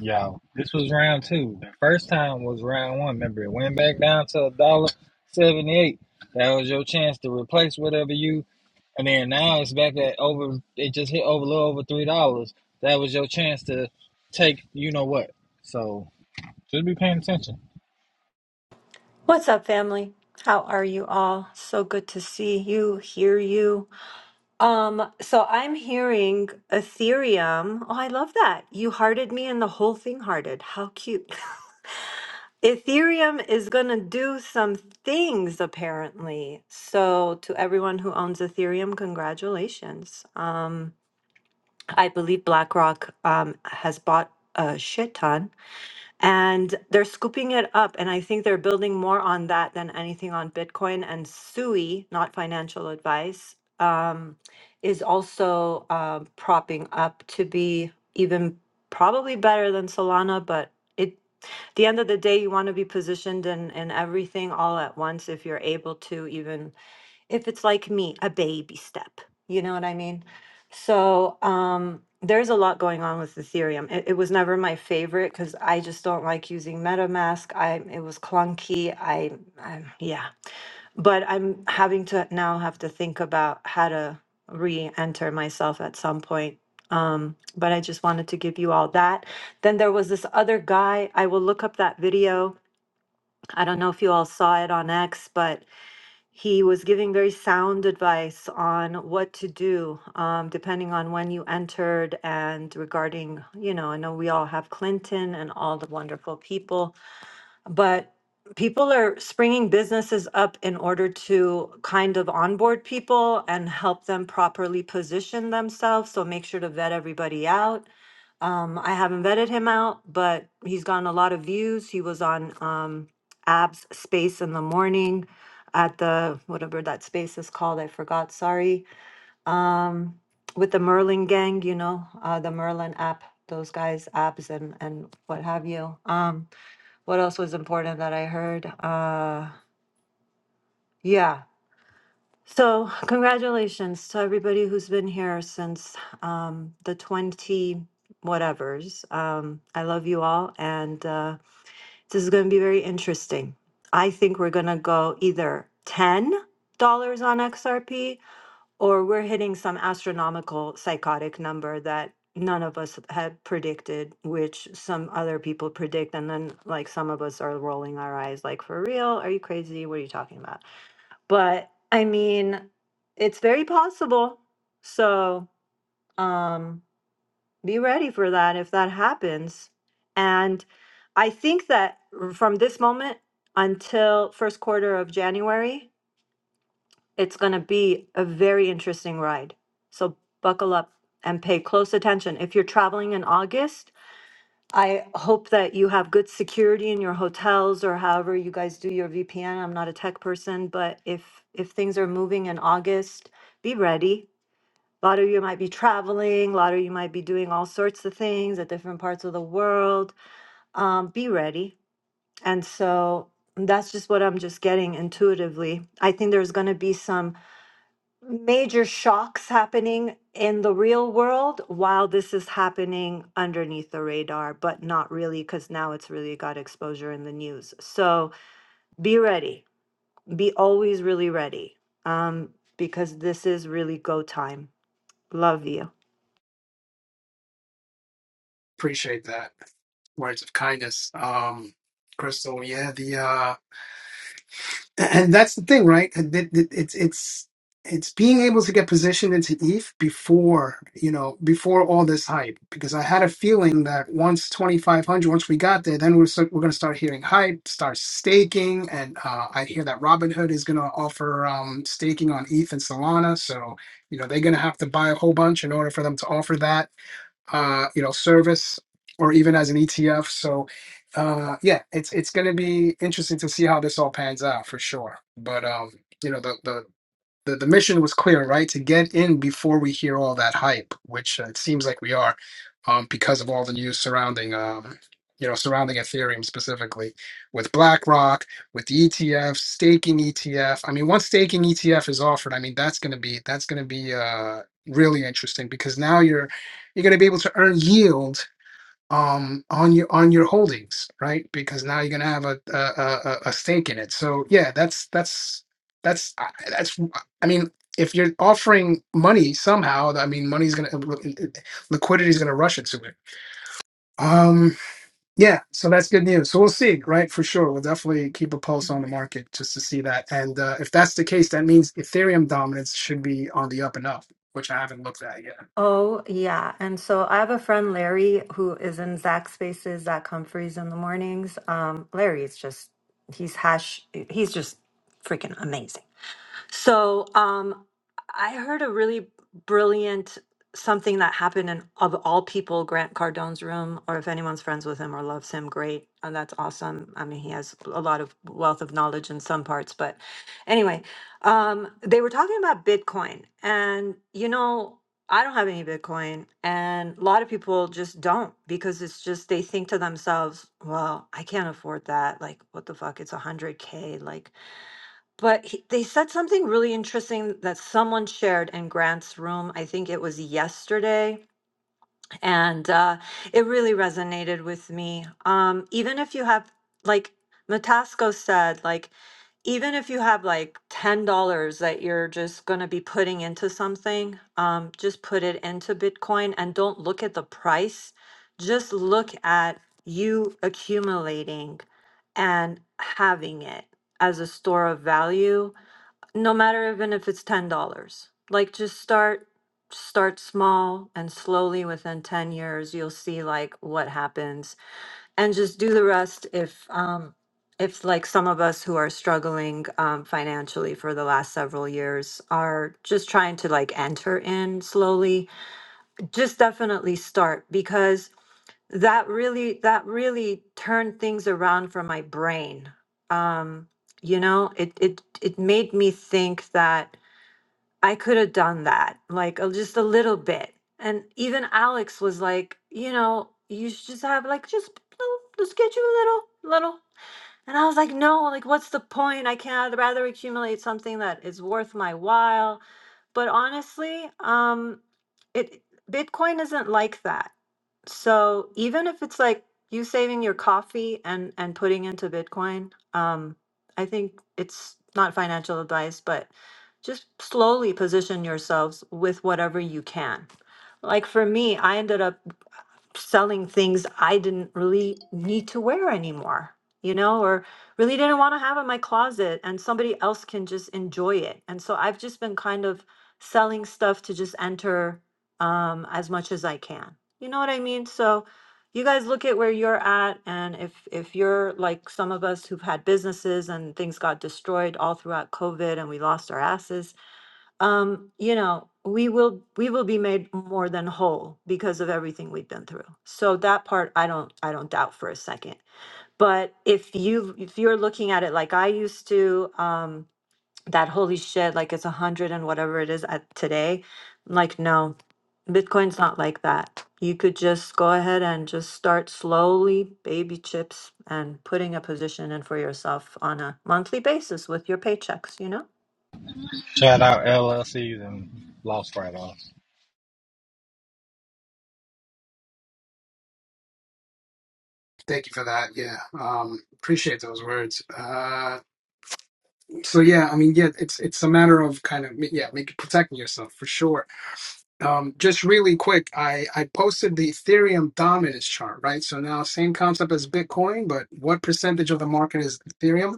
Speaker 3: Yo, this was round two. The first time was round one. Remember, it went back down to a dollar seventy-eight. That was your chance to replace whatever you. And then now it's back at over. It just hit over a little over three dollars. That was your chance to take. You know what? So just be paying attention.
Speaker 5: What's up, family? How are you all? So good to see you, hear you. Um, so I'm hearing Ethereum. Oh, I love that. You hearted me and the whole thing hearted. How cute. Ethereum is going to do some things apparently. So to everyone who owns Ethereum, congratulations. Um, I believe BlackRock um, has bought a shit ton and they're scooping it up and i think they're building more on that than anything on bitcoin and sui not financial advice um, is also uh, propping up to be even probably better than solana but it the end of the day you want to be positioned in in everything all at once if you're able to even if it's like me, a baby step. You know what I mean? So um, there's a lot going on with Ethereum. It, it was never my favorite because I just don't like using MetaMask. I it was clunky. I, I yeah, but I'm having to now have to think about how to re-enter myself at some point. Um, but I just wanted to give you all that. Then there was this other guy. I will look up that video. I don't know if you all saw it on X, but he was giving very sound advice on what to do um, depending on when you entered and regarding you know i know we all have clinton and all the wonderful people but people are springing businesses up in order to kind of onboard people and help them properly position themselves so make sure to vet everybody out um, I haven't vetted him out, but he's gotten a lot of views. He was on um, Ab's Space in the morning at the whatever that space is called. I forgot. Sorry. Um, with the Merlin gang, you know, uh, the Merlin app, those guys, Ab's, and and what have you. Um, what else was important that I heard? Uh, yeah. So, congratulations to everybody who's been here since um, the 20 whatevers. Um, I love you all, and uh, this is going to be very interesting. I think we're going to go either $10 on XRP or we're hitting some astronomical psychotic number that none of us had predicted, which some other people predict. And then, like, some of us are rolling our eyes, like, for real? Are you crazy? What are you talking about? but I mean, it's very possible. So um, be ready for that if that happens. And I think that r- from this moment until first quarter of January, it's going to be a very interesting ride. So buckle up and pay close attention. If you're traveling in August, I hope that you have good security in your hotels or however you guys do your VPN. I'm not a tech person, but if if things are moving in August, be ready. A lot of you might be traveling. A lot of you might be doing all sorts of things at different parts of the world. Um, be ready. And so that's just what I'm just getting intuitively. I think there's going to be some major shocks happening in the real world while this is happening underneath the radar, but not really because now it's really got exposure in the news. So be ready. Be always really ready um, because this is really go time. Love you.
Speaker 1: Appreciate that. Words of kindness. Um Crystal, yeah, the uh and that's the thing, right? It- it- It's it's it's being able to get positioned into ETH before you know before all this hype, because I had a feeling that once twenty five hundred, once we got there, then we're start, we're gonna start hearing hype, start staking, and uh, I hear that Robinhood is gonna offer um, staking on ETH and Solana, so you know they're gonna have to buy a whole bunch in order for them to offer that uh, you know service or even as an ETF. So uh, yeah, it's it's going to be interesting to see how this all pans out for sure. But um, you know the, the the, the mission was clear, right? To get in before we hear all that hype, which uh, it seems like we are, um, because of all the news surrounding, um, you know, surrounding Ethereum specifically, with BlackRock, with the ETF, staking ETF. I mean, once staking ETF is offered, I mean, that's going to be that's going to be uh, really interesting because now you're you're going to be able to earn yield um on your on your holdings right because now you're gonna have a a, a, a a stake in it so yeah that's that's that's I- that's i mean if you're offering money somehow i mean money's gonna liquidity is gonna rush into it Um, yeah, so that's good news. So we'll see, right? For sure. We'll definitely keep a pulse on the market just to see that. And uh, if that's the case, that means Ethereum dominance should be on the up and up, which I haven't looked at yet.
Speaker 5: Oh, yeah. And so I have a friend, Larry, who is in Zach Spaces, Zach Humphreys in the mornings. Um, Larry is just, he's hash, he's just freaking amazing. So um, I heard a really brilliant something that happened in, of all people, Grant Cardone's room, or if anyone's friends with him or loves him, great. Uh, that's awesome. I mean, he has a lot of wealth of knowledge in some parts. But anyway, um, they were talking about Bitcoin. And, you know, I don't have any Bitcoin. And a lot of people just don't because it's just they think to themselves, well, I can't afford that. Like, what the fuck? It's 100K. Like, but he, they said something really interesting that someone shared in Grant's room. I think it was yesterday. And uh, it really resonated with me. Um, even if you have, like Matasco said, like, even if you have like $10 that you're just going to be putting into something, um, just put it into Bitcoin and don't look at the price. Just look at you accumulating and having it as a store of value no matter even if it's ten dollars like just start start small and slowly within 10 years you'll see like what happens and just do the rest if um if like some of us who are struggling um, financially for the last several years are just trying to like enter in slowly just definitely start because that really that really turned things around for my brain um you know it it it made me think that I could have done that, like a, just a little bit. And even Alex was like, you know, you should just have like just little, just get you a little, little. And I was like, no, like what's the point? I can't. I'd rather accumulate something that is worth my while. But honestly, um, it Bitcoin isn't like that so even if it's like you saving your coffee and and putting into Bitcoin, um, I think it's not financial advice, but just slowly position yourselves with whatever you can. Like for me, I ended up selling things I didn't really need to wear anymore, you know, or really didn't want to have in my closet and somebody else can just enjoy it. And so I've just been kind of selling stuff to just enter um as much as I can. You know what I mean? So you guys look at where you're at and if if you're like some of us who've had businesses and things got destroyed all throughout COVID and we lost our asses, um, you know, we will we will be made more than whole because of everything we've been through. So that part I don't I don't doubt for a second. But if you if you're looking at it like I used to, um, that holy shit, like it's a hundred and whatever it is at today, like no, Bitcoin's not like that. You could just go ahead and just start slowly, baby chips, and putting a position in for yourself on a monthly basis with your paychecks, you know?
Speaker 3: Shout out LLCs and loss write-offs.
Speaker 1: Thank you for that. Yeah. Um, appreciate those words. Uh, So yeah, I mean, yeah, it's it's a matter of kind of yeah, make protecting yourself for sure. Um, just really quick, I I posted the Ethereum dominance chart, right? So now same concept as Bitcoin, but what percentage of the market is Ethereum?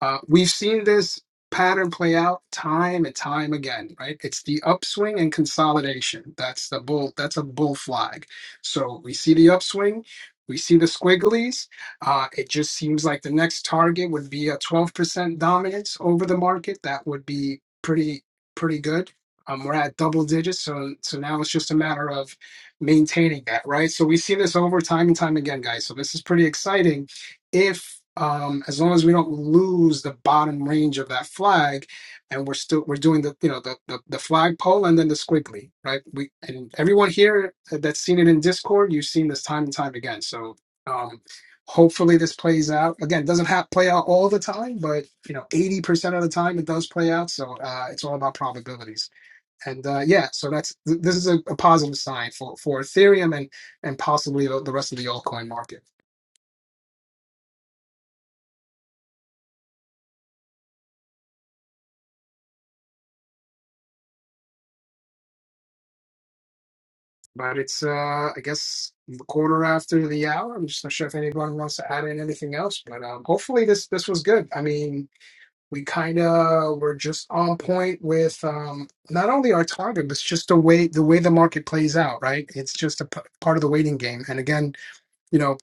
Speaker 1: Uh, we've seen this pattern play out time and time again, right? It's the upswing and consolidation. That's the bull. That's a bull flag. So we see the upswing. We see the squigglies. Uh, it just seems like the next target would be a 12% dominance over the market. That would be pretty pretty good. Um, we're at double digits, so so now it's just a matter of maintaining that, right? So we see this over time and time again, guys. So this is pretty exciting if um, as long as we don't lose the bottom range of that flag and we're still we're doing the you know the the, the flag pole and then the squiggly right we and everyone here that's seen it in discord you've seen this time and time again so um hopefully this plays out again it doesn't have play out all the time but you know 80% of the time it does play out so uh it's all about probabilities and uh yeah so that's th- this is a, a positive sign for for ethereum and and possibly the, the rest of the altcoin market But it's, uh, I guess, quarter after the hour. I'm just not sure if anyone wants to add in anything else, but um, hopefully this this was good. I mean, we kind of were just on point with um, not only our target, but just the way the way the market plays out, right? It's just a p- part of the waiting game. And again, you know,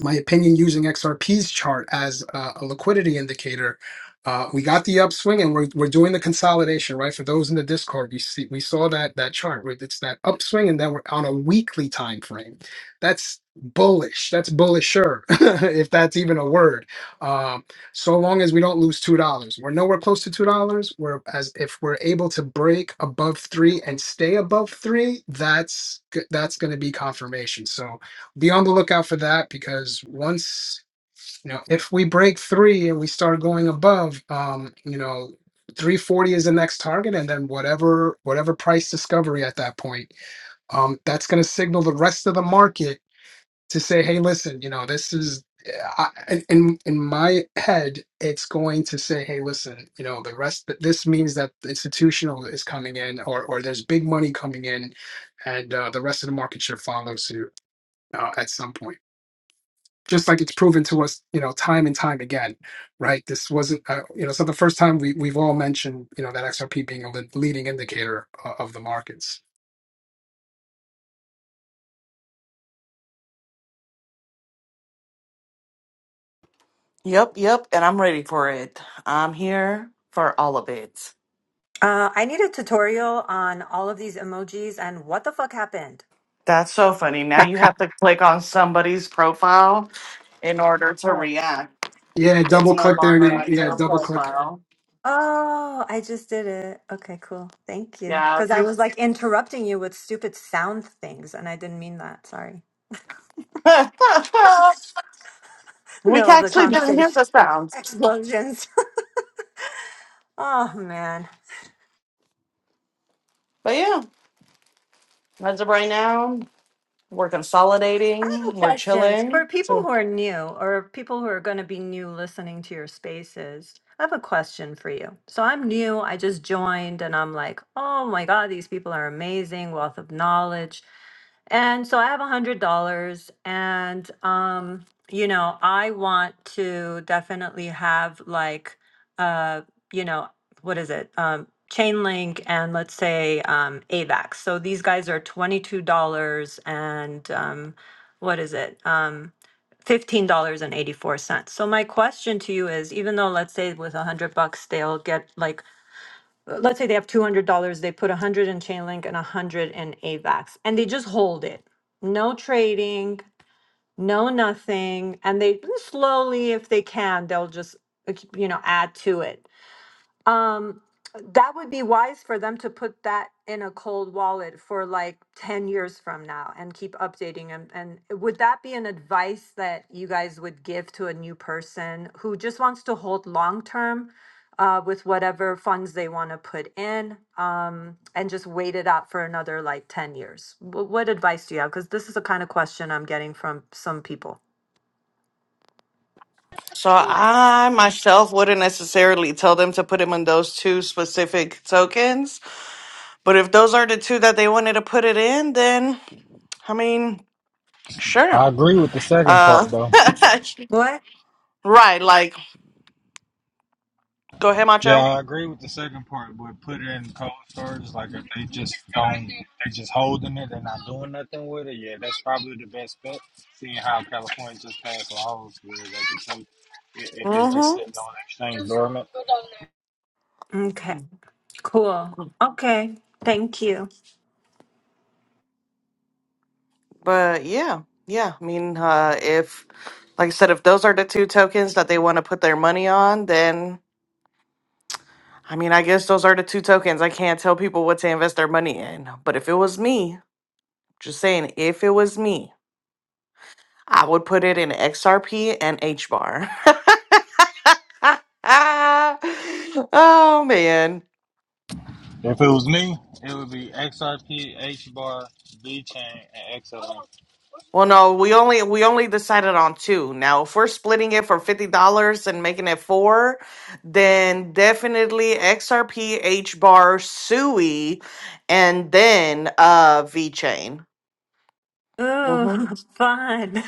Speaker 1: my opinion using XRP's chart as uh, a liquidity indicator. Uh, we got the upswing and we're, we're doing the consolidation, right? For those in the Discord, we see we saw that that chart. where It's that upswing, and then we're on a weekly time frame. That's bullish. That's bullisher, if that's even a word. Um, so long as we don't lose two dollars, we're nowhere close to two dollars. We're as if we're able to break above three and stay above three. That's g- that's going to be confirmation. So be on the lookout for that because once you know if we break three and we start going above um you know 340 is the next target and then whatever whatever price discovery at that point um that's going to signal the rest of the market to say hey listen you know this is I, in in in my head it's going to say hey listen you know the rest this means that the institutional is coming in or or there's big money coming in and uh, the rest of the market should follow suit uh, at some point just like it's proven to us, you know, time and time again, right? This wasn't, uh, you know, so the first time we we've all mentioned, you know, that XRP being a le- leading indicator uh, of the markets.
Speaker 2: Yep, yep, and I'm ready for it. I'm here for all of it.
Speaker 5: Uh, I need a tutorial on all of these emojis and what the fuck happened.
Speaker 2: That's so funny. Now you have to click on somebody's profile in order to
Speaker 5: Oh.
Speaker 2: react.
Speaker 1: Yeah,
Speaker 2: It's
Speaker 1: double
Speaker 2: no
Speaker 1: click there,
Speaker 2: longer
Speaker 1: Nate.
Speaker 5: Oh.
Speaker 2: on
Speaker 1: Yeah,
Speaker 2: your
Speaker 1: double click. it.
Speaker 2: profile.
Speaker 5: Oh, I just did it. Okay, cool. Thank you.
Speaker 2: Yeah,
Speaker 5: Because
Speaker 2: if
Speaker 5: I
Speaker 2: you
Speaker 5: was like interrupting you with stupid sound things and I didn't mean that. Sorry.
Speaker 2: We
Speaker 5: Middle of the
Speaker 2: actually didn't hear the
Speaker 5: conversation.
Speaker 2: sounds.
Speaker 5: Explosions. Oh, man.
Speaker 2: But yeah, as of right now, we're
Speaker 5: I
Speaker 2: consolidating,
Speaker 5: have a
Speaker 2: we're
Speaker 5: question
Speaker 2: chilling.
Speaker 5: for people
Speaker 2: So,
Speaker 5: who are new or people who are going to be new listening to your spaces. I have a question for you. So I'm new, I just joined, and I'm like, oh my God, these people are amazing, wealth of knowledge. And so I have a hundred dollars, and um, you know, I want to definitely have like, uh, you know, what is it? Um, chain link and let's say um, AVAX. So these guys are twenty two dollars and um, what is it? Um, $15.84. So my question to you is, even though let's say with a hundred bucks, they'll get like, uh, let's say they have $200, they put a hundred in Chainlink and a hundred in AVAX and they just hold it. No trading, no nothing. And they slowly, if they can, they'll just, uh, you know, add to it. Um, that would be wise for them to put that in a cold wallet for like 10 years from now and keep updating them. And would that be an advice that you guys would give to a new person who just wants to hold long term uh, with whatever funds they want to put in um, and just wait it out for another like 10 years? Wh- What advice do you have? Because this is the kind of question I'm getting from some people.
Speaker 2: so I myself wouldn't necessarily tell them to put them in those two specific tokens. But if those are the two that they wanted to put it in, then I mean,
Speaker 3: I
Speaker 2: sure.
Speaker 3: agree with the second
Speaker 2: Uh,
Speaker 3: part though.
Speaker 5: What?
Speaker 2: right, like, go ahead,
Speaker 3: Yeah,
Speaker 2: Macho.
Speaker 3: I agree with the second part, but put it in cold storage. Like if they just don't, they just holding it, they're not doing nothing with it. Yeah, that's probably the best bet. Seeing how California just passed laws where they can take it if it's just
Speaker 2: mm hmm
Speaker 3: sitting on exchange
Speaker 5: Okay. Cool. Okay. Thank you.
Speaker 2: But yeah, yeah. I mean, uh, if, like I said, if those are the two tokens that they want to put their money on, then I mean, I guess those are the two tokens. I can't tell people what to invest their money in. But if it was me, just saying, if it was me, I would put it in XRP and H bar. oh man.
Speaker 3: So
Speaker 2: Well, no, we only we only decided on two. Now, if we're splitting it for fifty dollars and making it four, then definitely XRP, bar, Sui, and then uh V Chain. hmm
Speaker 5: Ooh, fun.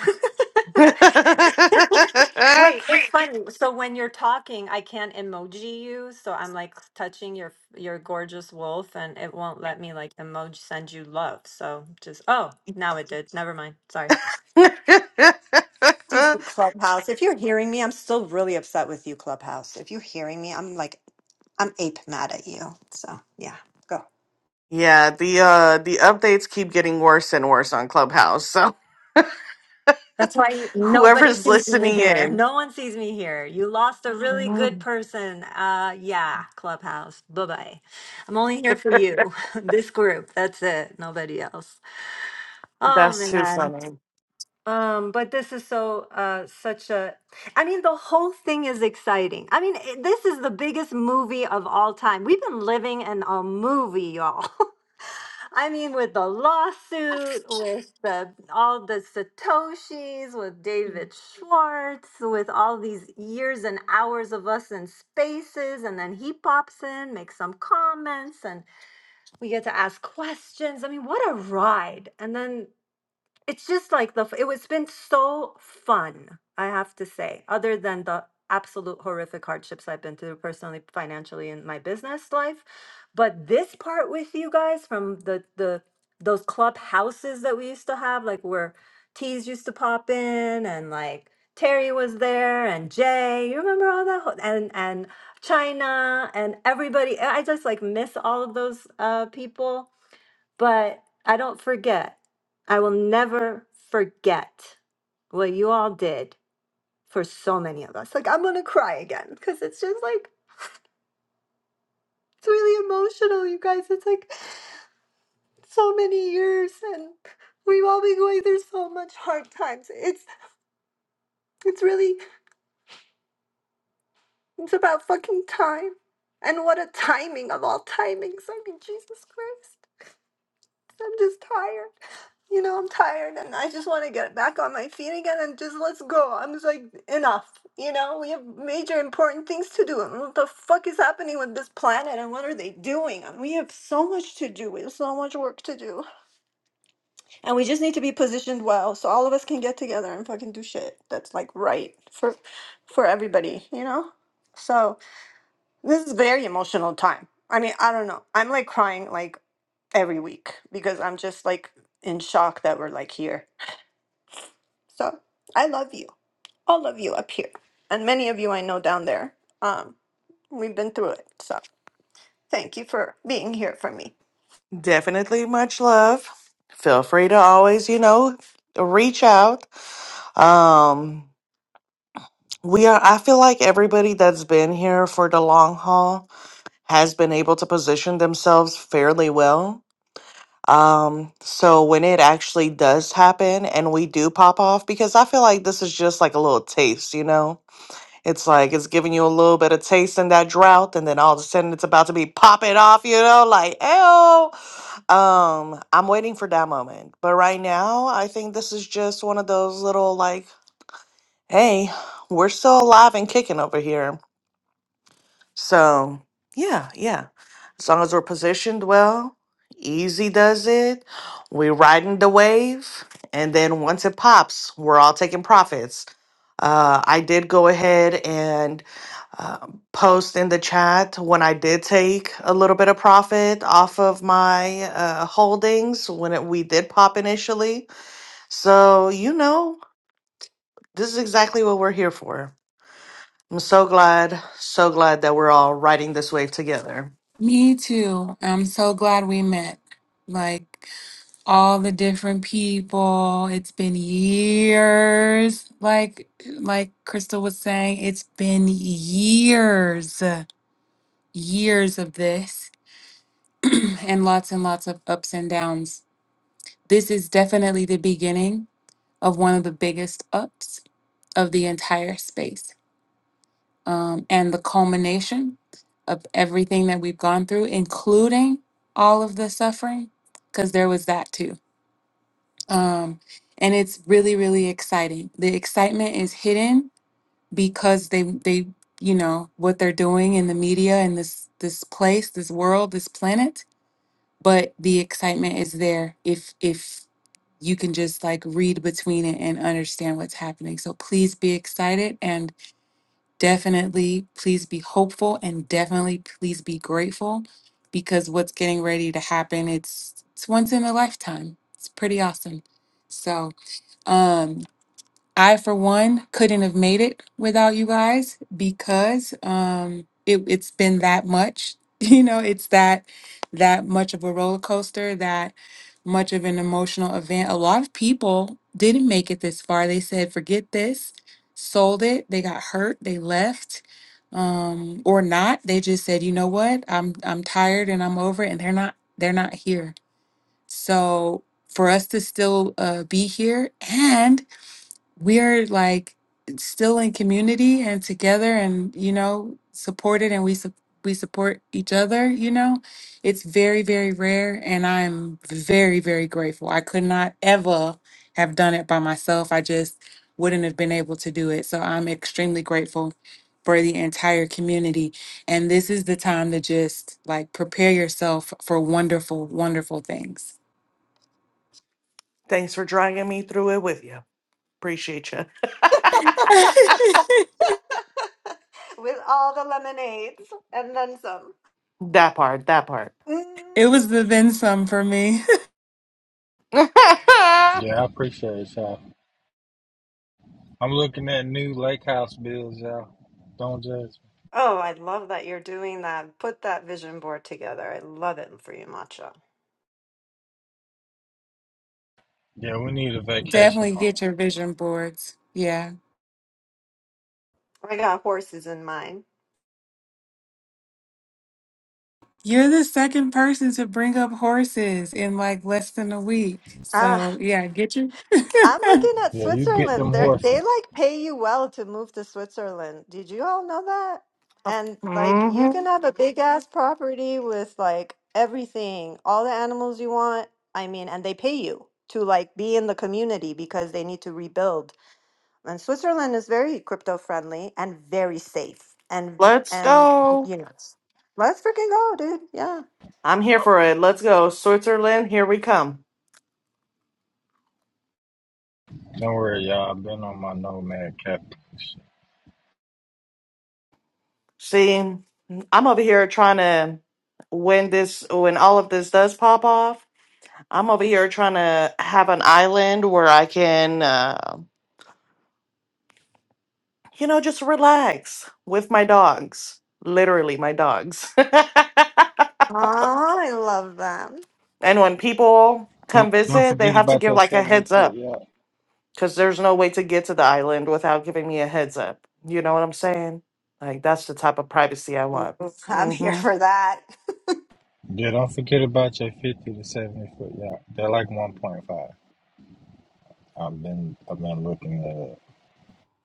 Speaker 5: Wait, it's funny. So when you're talking, I can't emoji you, so I'm like touching your your gorgeous wolf and it won't let me like emoji send you love. So just oh, now it did. Never mind. Sorry. Stupid Clubhouse. If you're hearing me, I'm still really upset with you, Clubhouse. If you're hearing me, I'm like, I'm ape mad at you. So, yeah, go.
Speaker 2: yeah, the uh the updates keep getting worse and worse on Clubhouse. So
Speaker 5: That's why nobody
Speaker 2: whoever's
Speaker 5: sees me
Speaker 2: listening
Speaker 5: here.
Speaker 2: in,
Speaker 5: No one sees me here. You lost a really good
Speaker 2: Mhm.
Speaker 5: person. Uh, yeah, Clubhouse. Bye bye. I'm only here for you, this group. That's it. Nobody else. Oh
Speaker 2: that's too
Speaker 5: man.
Speaker 2: funny.
Speaker 5: Um, but this is so uh such a I mean the whole thing is exciting. I mean it- this is the biggest movie of all time. We've been living in a movie, y'all. I mean with the lawsuit, with the all the satoshis, with David Schwartz, with all these years and hours of us in spaces and then he pops in, makes some comments and we get to ask questions. I mean, what a ride. And then it's just like the f- it was been so fun i have to say other than the absolute horrific hardships i've been through personally financially in my business life but this part with you guys from the the those club houses that we used to have like where teas used to pop in and like terry was there and jay you remember all that ho- and and china and everybody i I just like miss all of those uh people but I don't forget. I will never forget what you all did for so many of us. Like, I'm going to cry again because it's just like, it's really emotional, you guys. It's like so many years and we've all been going through so much hard times. It's, it's really, it's about fucking time. And what a timing of all timings. I mean, Jesus Christ. I'm just tired. you know, I'm tired and I just want to get back on my feet again and just let's go. I'm just like, enough. You know, we have major important things to do. And what the fuck is happening with this planet and what are they doing? And we have so much to do. We have so much work to do. And we just need to be positioned well so all of us can get together and fucking do shit that's like right for for everybody, you know? So this is a very emotional time. I mean, I don't know. I'm like crying like every week because I'm just like in shock that we're like here So I love you, all of you up here, and many of you I know down there. Um, we've been through it. So thank you for being here for me.
Speaker 2: Definitely much love. Feel free to always, you know, reach out. Um we are I feel like everybody that's been here for the long haul has been able to position themselves fairly well Um, so when it actually does happen and we do pop off, because I feel like this is just like a little taste, you know? It's like it's giving you a little bit of taste in that drought, and then all of a sudden it's about to be popping off, you know, like ew. Um, I'm waiting for that moment. But right now, I think this is just one of those little like, hey, we're still alive and kicking over here. So, yeah, yeah. As long as we're positioned well, easy does it. We're riding the wave. And then once it pops, we're all taking profits. Uh, I did go ahead and uh, post in the chat when I did take a little bit of profit off of my uh, holdings when it, we did pop initially. So, you know, this is exactly what we're here for. I'm so glad, so glad that we're all riding this wave together.
Speaker 4: Me too. I'm so glad we met. Like all the different people. It's been years. Like like Crystal was saying, it's been years, years of this and lots and lots of ups and downs. This is definitely the beginning of one of the biggest ups of the entire space. um, and the culmination of everything that we've gone through, including all of the suffering, because there was that too. Um, and it's really, really exciting. The excitement is hidden because they, they, you know, what they're doing in the media and this, this place, this world, this planet. But the excitement is there if, if you can just like read between it and understand what's happening. So please be excited. and definitely please be hopeful and definitely please be grateful because what's getting ready to happen it's it's once in a lifetime it's pretty awesome so um. I, for one, couldn't have made it without you guys because um, it, it's been that much. You know, it's that that much of a roller coaster, that much of an emotional event. A lot of people didn't make it this far. They said, "Forget this," sold it. They got hurt. They left, um, or not. They just said, "You know what? I'm I'm tired and I'm over." it," And they're not they're not here. So for us to still uh, be here and we are like still in community and together and you know supported and we sup we support each other you know it's very very rare and i'm very very grateful i could not ever have done it by myself i just wouldn't have been able to do it so i'm extremely grateful for the entire community and this is the time to just like prepare yourself for wonderful wonderful things
Speaker 2: Thanks for dragging me through it with you. Appreciate you.
Speaker 5: With all the lemonades and then some.
Speaker 2: That part, that part.
Speaker 5: Mm.
Speaker 4: it was the then some for me
Speaker 3: yeah, I appreciate it, y'all. I'm looking at new lake house bills, y'all. Don't judge.
Speaker 5: Oh, I love that you're doing that. Put that vision board together. I love it for you, Matcha.
Speaker 3: me. Yeah, we need a vacation
Speaker 4: Definitely
Speaker 3: home.
Speaker 4: get your vision boards. Yeah.
Speaker 5: I got horses in mine.
Speaker 4: You're the second person to bring up horses in like less than a week.
Speaker 5: Ah.
Speaker 4: So yeah, get your
Speaker 5: I'm looking at
Speaker 3: Yeah, you get them
Speaker 5: Switzerland. They they
Speaker 3: horses.
Speaker 5: like pay you well to move to Switzerland. Did you all know that? And like you
Speaker 2: hmm
Speaker 5: can have a big ass property with like everything, all the animals you want. I mean, and they pay you to like be in the community because they need to rebuild. And Switzerland is very crypto friendly and very safe. And
Speaker 2: Let's
Speaker 5: and
Speaker 2: go.
Speaker 5: you know, Yes. let's freaking go, dude. Yeah.
Speaker 2: I'm here for it. Let's go. Switzerland, here we come.
Speaker 3: Don't worry, y'all. I've been on my nomad cap.
Speaker 2: See, I'm over here trying to, when this, when all of this does pop off, I'm over here trying to have an island where I can, uh, you know, just relax with my dogs. Literally, my dogs.
Speaker 5: Oh, I love that.
Speaker 2: and when people come
Speaker 3: Don't don't
Speaker 2: visit, they
Speaker 3: forget
Speaker 2: have to
Speaker 3: about
Speaker 2: give
Speaker 3: your
Speaker 2: like a
Speaker 3: seventy
Speaker 2: heads up.
Speaker 3: foot, y'all.
Speaker 2: because there's no way to get to the island without giving me a heads up. You know what I'm saying? Like that's the type of privacy I want.
Speaker 5: I'm here
Speaker 2: hmm
Speaker 5: for that.
Speaker 3: Yeah, don't forget about your fifty to seventy foot yacht. They're like one point five. I've been I've been looking at it.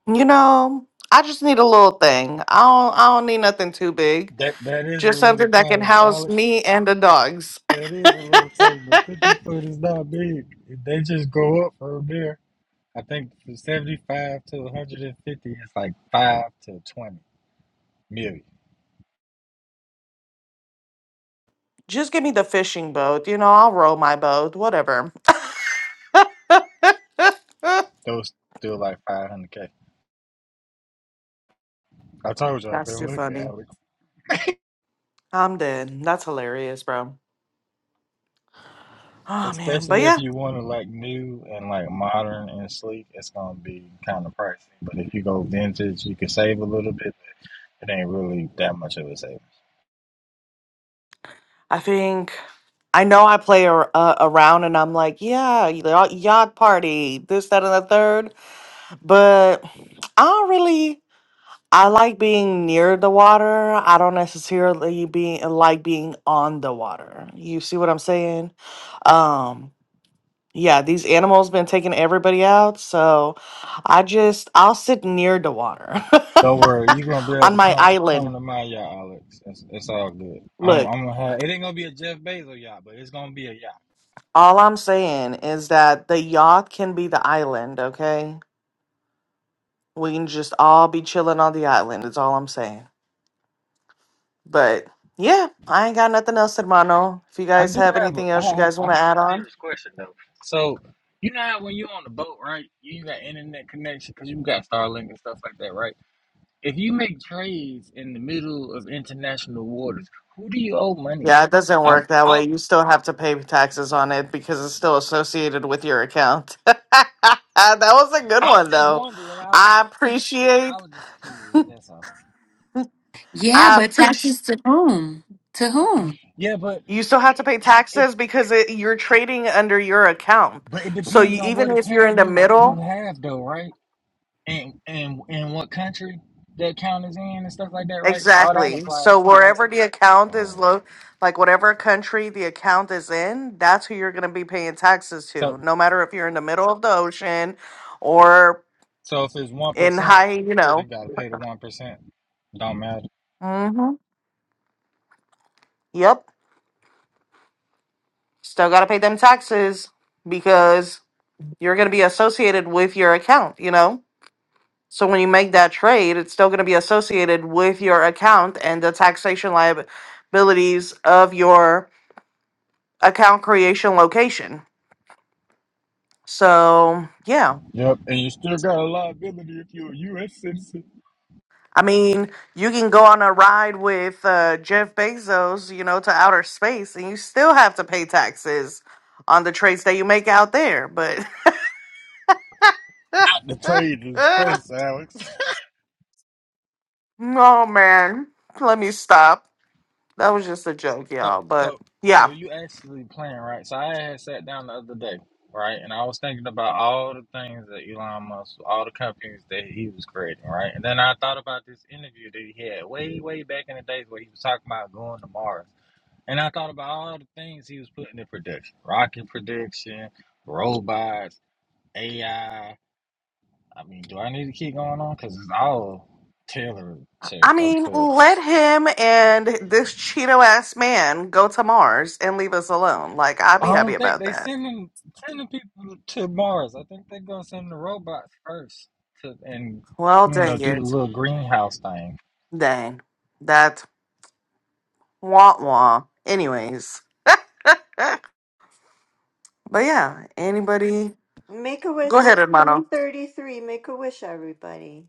Speaker 2: You know, I just need a little thing. I don't. I don't need nothing too big.
Speaker 3: That that is a
Speaker 2: Just
Speaker 3: little
Speaker 2: something that can
Speaker 3: thing,
Speaker 2: house
Speaker 3: Alex.
Speaker 2: me and the dogs.
Speaker 3: That is a little thing. The fifty foot is not big. They just go up from there. I think from seventy five to one hundred and fifty is like five to twenty million.
Speaker 2: Just give me the fishing boat. You know, I'll row my boat. Whatever.
Speaker 3: Those still like five hundred k. I told you I've
Speaker 2: that's
Speaker 3: been
Speaker 2: too
Speaker 3: looking,
Speaker 2: funny.
Speaker 3: Alex.
Speaker 2: I'm dead. That's hilarious, bro. Oh man, but
Speaker 3: Especially
Speaker 2: yeah.
Speaker 3: if you want to like new and like modern and sleek, it's gonna be kind of pricey. But if you go vintage, you can save a little bit It ain't really that much of a saving.
Speaker 2: I think I know I play ar- uh, around and I'm like, yeah, y- yacht party, this, that, and the third. But I don't really. I like being near the water. I don't necessarily being like being on the water. You see what I'm saying? Um, yeah, these animals been taking everybody out, so I just I'll sit near the water
Speaker 3: Don't worry, you gonna be able
Speaker 2: on
Speaker 3: to
Speaker 2: my
Speaker 3: come
Speaker 2: island.
Speaker 3: come to my yacht, Alex. It's, it's all good. I'm
Speaker 2: Look,
Speaker 3: I'm gonna have it ain't gonna be a Jeff Bezos yacht, but it's gonna be a yacht.
Speaker 2: All I'm saying is that the yacht can be the island, okay? We can just all be chilling on the island. That's all I'm saying. But yeah, I ain't got nothing else, hermano. If you
Speaker 3: I
Speaker 2: guys
Speaker 3: do
Speaker 2: have
Speaker 3: have a
Speaker 2: anything
Speaker 3: I
Speaker 2: else you
Speaker 3: have
Speaker 2: guys
Speaker 3: I
Speaker 2: want
Speaker 3: have
Speaker 2: to add
Speaker 3: a
Speaker 2: on,
Speaker 3: serious question though. So you know how when you're on the boat, right? You got internet connection because you got Starlink and stuff like that, right? If you make trades in the middle of international waters, who do you owe money
Speaker 2: yeah, it
Speaker 3: to?
Speaker 2: doesn't
Speaker 3: I
Speaker 2: work that
Speaker 3: I
Speaker 2: way. You still have to pay taxes on it because it's still associated with your account. that was a good
Speaker 3: I was
Speaker 2: one,
Speaker 3: just
Speaker 2: though.
Speaker 3: wondering. I was
Speaker 2: I
Speaker 3: just
Speaker 2: appreciate
Speaker 3: I was just curious. That's all.
Speaker 4: Yeah,
Speaker 2: I
Speaker 4: but
Speaker 2: appreciate.
Speaker 4: taxes to whom? To whom?
Speaker 3: Yeah, but.
Speaker 2: You still have to pay
Speaker 3: it.
Speaker 2: taxes because it, you're trading under your account.
Speaker 3: But it
Speaker 2: So
Speaker 3: depends
Speaker 2: you,
Speaker 3: on what
Speaker 2: even if you're
Speaker 3: account
Speaker 2: in the
Speaker 3: you you
Speaker 2: middle,
Speaker 3: have though, right? And and and what country that account is in and stuff like that, right? All that
Speaker 2: exactly.
Speaker 3: applies
Speaker 2: So
Speaker 3: too, right?
Speaker 2: wherever the account is
Speaker 3: Oh,
Speaker 2: low, like whatever country the account is in, that's who you're going to be paying taxes
Speaker 3: So
Speaker 2: to. No matter if you're in the middle of the ocean or
Speaker 3: so if it's one
Speaker 2: in
Speaker 3: percent,
Speaker 2: high, you
Speaker 3: they
Speaker 2: know.
Speaker 3: gotta pay the one percent. Don't matter.
Speaker 2: hmm Yep. Still got to pay them taxes because you're going to be associated with your account, you know? So when you make that trade, it's still going to be associated with your account and the taxation liabilities of your account creation location. So, yeah.
Speaker 3: Yep, and you still got a liability if you're a U.S. citizen.
Speaker 2: I mean, you can go on a ride with uh, Jeff Bezos, you know, to outer space, and you still have to pay taxes on the trades that you make out there. But,
Speaker 3: Not to trade in space, Alex.
Speaker 2: oh man, let me stop. That was just a joke,
Speaker 3: So,
Speaker 2: y'all. But,
Speaker 3: so,
Speaker 2: yeah.
Speaker 3: so you actually playing, right? So I had sat down the other day, right, and I was thinking about all the things that Elon Musk, all the companies that he was creating, right, and then I thought about this interview that he had way, way back in the days where he was talking about going to Mars, and I thought about all the things he was putting in production, rocket production, robots, AI. I I mean, do I need to keep going on? Because it's all tailored to
Speaker 2: I
Speaker 3: go
Speaker 2: mean,
Speaker 3: to.
Speaker 2: let him and this Cheeto ass man go to Mars and leave us alone. Like, I'd
Speaker 3: I
Speaker 2: be happy
Speaker 3: don't think
Speaker 2: about
Speaker 3: they
Speaker 2: that.
Speaker 3: sending sending people to Mars. I think they're gonna send the robots first to and
Speaker 2: Well,
Speaker 3: you know
Speaker 2: dang
Speaker 3: do the
Speaker 2: it.
Speaker 3: little greenhouse thing.
Speaker 2: Dang. That wah wah. Anyways, but yeah, anybody?
Speaker 5: Make a
Speaker 2: Go
Speaker 5: wish.
Speaker 2: ahead,
Speaker 5: It's
Speaker 2: hermano.
Speaker 5: three thirty-three. Make a wish, everybody.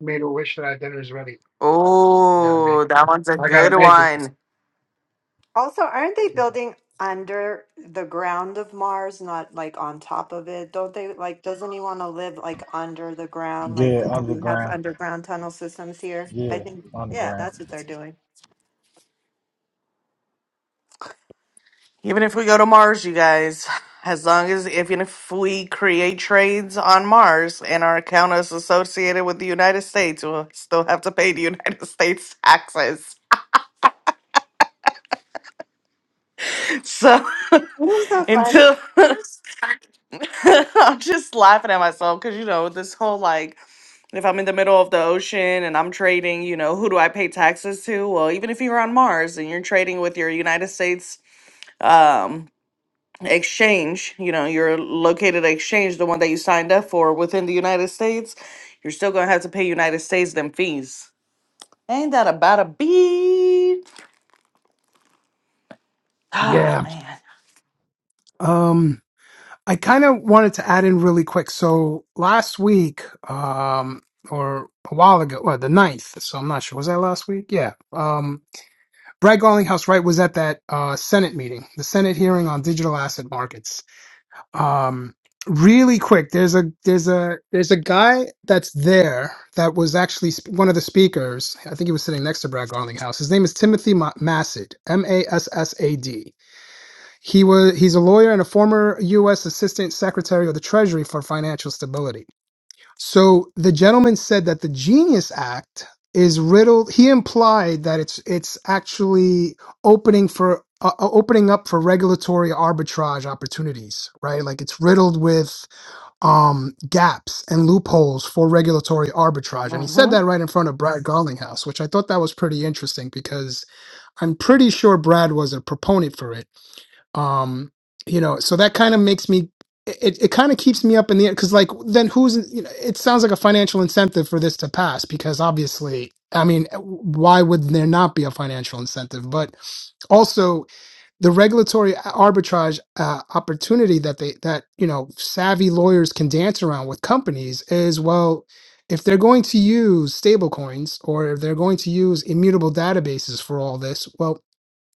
Speaker 1: Made a wish that I dinner's ready. Gotta make.
Speaker 2: Oh, that one's a
Speaker 1: I gotta
Speaker 2: good
Speaker 1: make it.
Speaker 2: one.
Speaker 5: Also, aren't they building under the ground of Mars, not like on top of it? Don't they like, doesn't he want to live like under the ground, like
Speaker 3: Yeah,
Speaker 5: how we have
Speaker 3: underground.
Speaker 5: underground tunnel systems here? I
Speaker 3: Yeah,
Speaker 5: think, yeah, that's
Speaker 3: underground.
Speaker 5: what they're doing.
Speaker 2: Even if we go to Mars, you guys, as long as, even if we create trades on Mars and our account is associated with the United States, we'll still have to pay the United States taxes. So
Speaker 5: It was so funny.
Speaker 2: until I'm just laughing at myself because you know this whole like if I'm in the middle of the ocean and I'm trading, you know, who do I pay taxes to? Well, even if you're on Mars and you're trading with your United States um exchange, you know, your located exchange, the one that you signed up for within the United States, you're still gonna have to pay United States them fees. Ain't that about a beat? Oh
Speaker 1: Yeah.
Speaker 2: man.
Speaker 1: Um, I kind of wanted to add in really quick. So last week, um, or a while ago, or the ninth. So I'm not sure. Was that last week? Yeah. Um. Brad Garlinghouse Wright was at that uh, Senate meeting, the Senate hearing on digital asset markets. Um, really quick, there's a there's a there's a guy that's there that was actually sp- one of the speakers. I think he was sitting next to Brad Garlinghouse. His name is Timothy Ma- Massad, M A S S A D. He was he's a lawyer and a former U.S. Assistant Secretary of the Treasury for Financial Stability. So the gentleman said that the Genius Act is riddled. He implied that it's it's actually opening for uh, uh, opening up for regulatory arbitrage opportunities, right? Like it's riddled with um, gaps and loopholes for regulatory arbitrage. And he said that right in front of Brad Garlinghouse, which I thought that was pretty interesting because I'm pretty sure Brad was a proponent for it um you know so that kind of makes me it, it kind of keeps me up in the air because like then who's you know it sounds like a financial incentive for this to pass because obviously i mean eh, why would there not be a financial incentive but also the regulatory arbitrage uh, opportunity that they that you know savvy lawyers can dance around with companies is well if they're going to use stablecoins or if they're going to use immutable databases for all this well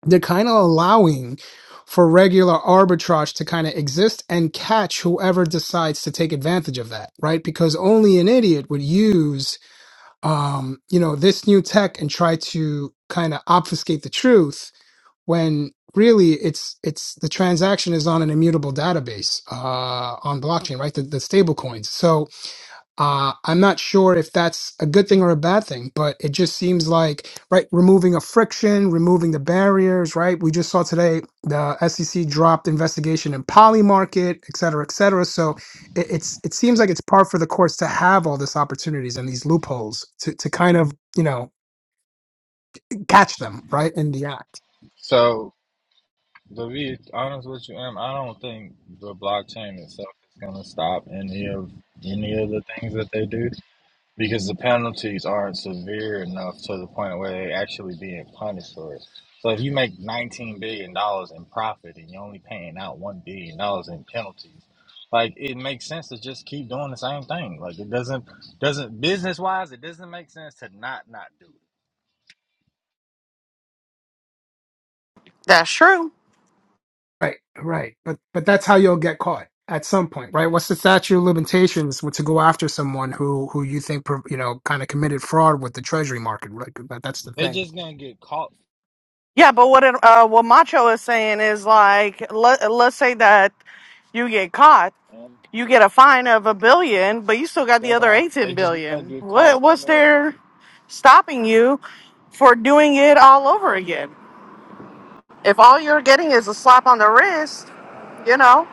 Speaker 1: they're kind of allowing for regular arbitrage to kind of exist and catch whoever decides to take advantage of that, right? Because only an idiot would use, um, you know, this new tech and try to kind of obfuscate the truth when really it's it's the transaction is on an immutable database uh, on blockchain, right? The, the stable coins. So uh, I'm not sure if that's a good thing or a bad thing, but it just seems like, right, removing a friction, removing the barriers, right? We just saw today the SEC dropped investigation in Poly Market, et cetera, et cetera. So it, it's it seems like it's par for the course to have all these opportunities and these loopholes to to kind of you know catch them right in the act.
Speaker 3: So to be honest with you, Em, I don't think the blockchain itself is gonna stop any of any of the things that they do. because the penalties aren't severe enough to the point where they actually being punished for it. So if you make nineteen billion dollars in profit and you're only paying out one billion dollars in penalties, like it makes sense to just keep doing the same thing. Like it doesn't doesn't business wise, it doesn't make sense to not not do it.
Speaker 2: That's true.
Speaker 1: Right, right. But but that's how you'll get caught at some point, right? What's the statute of limitations to go after someone who who you think pro- you know kind of committed fraud with the treasury market? Right? That, that's the
Speaker 3: They
Speaker 1: thing.
Speaker 3: just gonna get caught,
Speaker 2: Yeah, but what it, uh, what Macho is saying is like, let, let's say that you get caught,
Speaker 3: man.
Speaker 2: you get a fine of a billion, but you still got the
Speaker 3: That's
Speaker 2: other
Speaker 3: all.
Speaker 2: 18
Speaker 3: They just gonna
Speaker 2: billion.
Speaker 3: get caught
Speaker 2: What what's
Speaker 3: somewhere.
Speaker 2: there stopping you for doing it all over again? If all you're getting is a slap on the wrist, you know.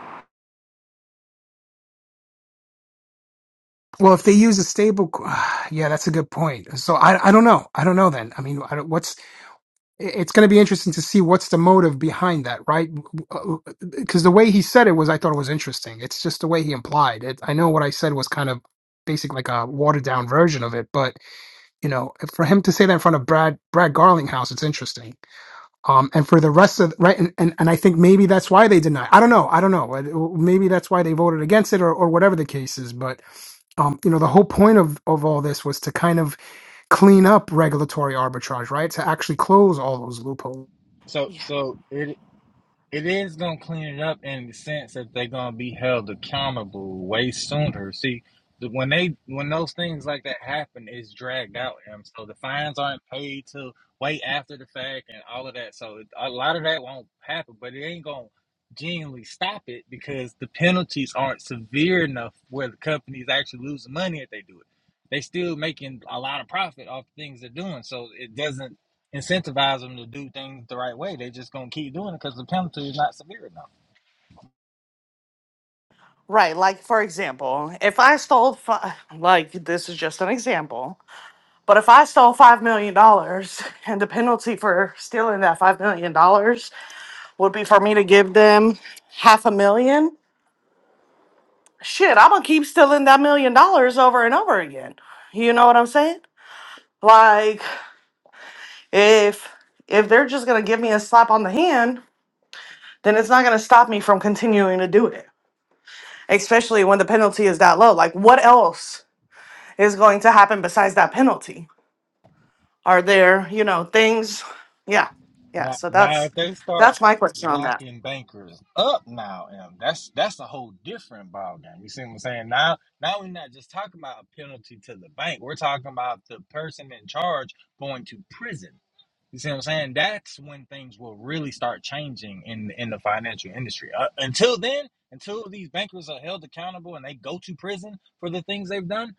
Speaker 1: Well, if they use a stable, co- yeah, that's a good point. So I I don't know. I don't know then. I mean, I don't, what's it- it's going to be interesting to see what's the motive behind that, right? Because the way he said it was, I thought it was interesting. It's just the way he implied it. I know what I said was kind of basically like a watered down version of it, but You know, for him to say that in front of Brad Brad Garlinghouse, it's interesting. Um, and for the rest of right, and, and and I think maybe that's why they deny. I don't know. I don't know. Uh, Maybe that's why they voted against it, or or whatever the case is. But um, you know, the whole point of of all this was to kind of clean up regulatory arbitrage, right? To actually close all those loopholes.
Speaker 3: So
Speaker 2: Yeah,
Speaker 3: so it it is gonna clean it up in the sense that they're gonna be held accountable way sooner. See, when they when those things like that happen, it's dragged out, and so the fines aren't paid till way after the fact and all of that. So it, a lot of that won't happen, but it ain't gonna genuinely stop it because the penalties aren't severe enough where the companies actually lose money if they do it. They still making a lot of profit off the things they're doing, so it doesn't incentivize them to do things the right way. They just gonna keep doing it because the penalty is not severe enough.
Speaker 2: Right, like for example, if I stole fi- like this is just an example, but if I stole 5 million dollars and the penalty for stealing that 5 million dollars would be for me to give them half a million. Shit, I'm gonna keep stealing that million dollars over and over again. You know what I'm saying? Like if if they're just gonna give me a slap on the hand, then it's not gonna stop me from continuing to do it. Especially when the penalty is that low. Like what else is going to happen besides that penalty? Are there, you know, things yeah. Yeah.
Speaker 3: Now,
Speaker 2: So
Speaker 3: now
Speaker 2: that's
Speaker 3: if they start
Speaker 2: that's my question on that.
Speaker 3: locking bankers up now, and that's that's a whole different ball game. You see what I'm saying? Now, now we're not just talking about a penalty to the bank. We're talking about the person in charge going to prison. You see what I'm saying? That's when things will really start changing in in the financial industry. Uh, until then, until these bankers are held accountable and they go to prison for the things they've done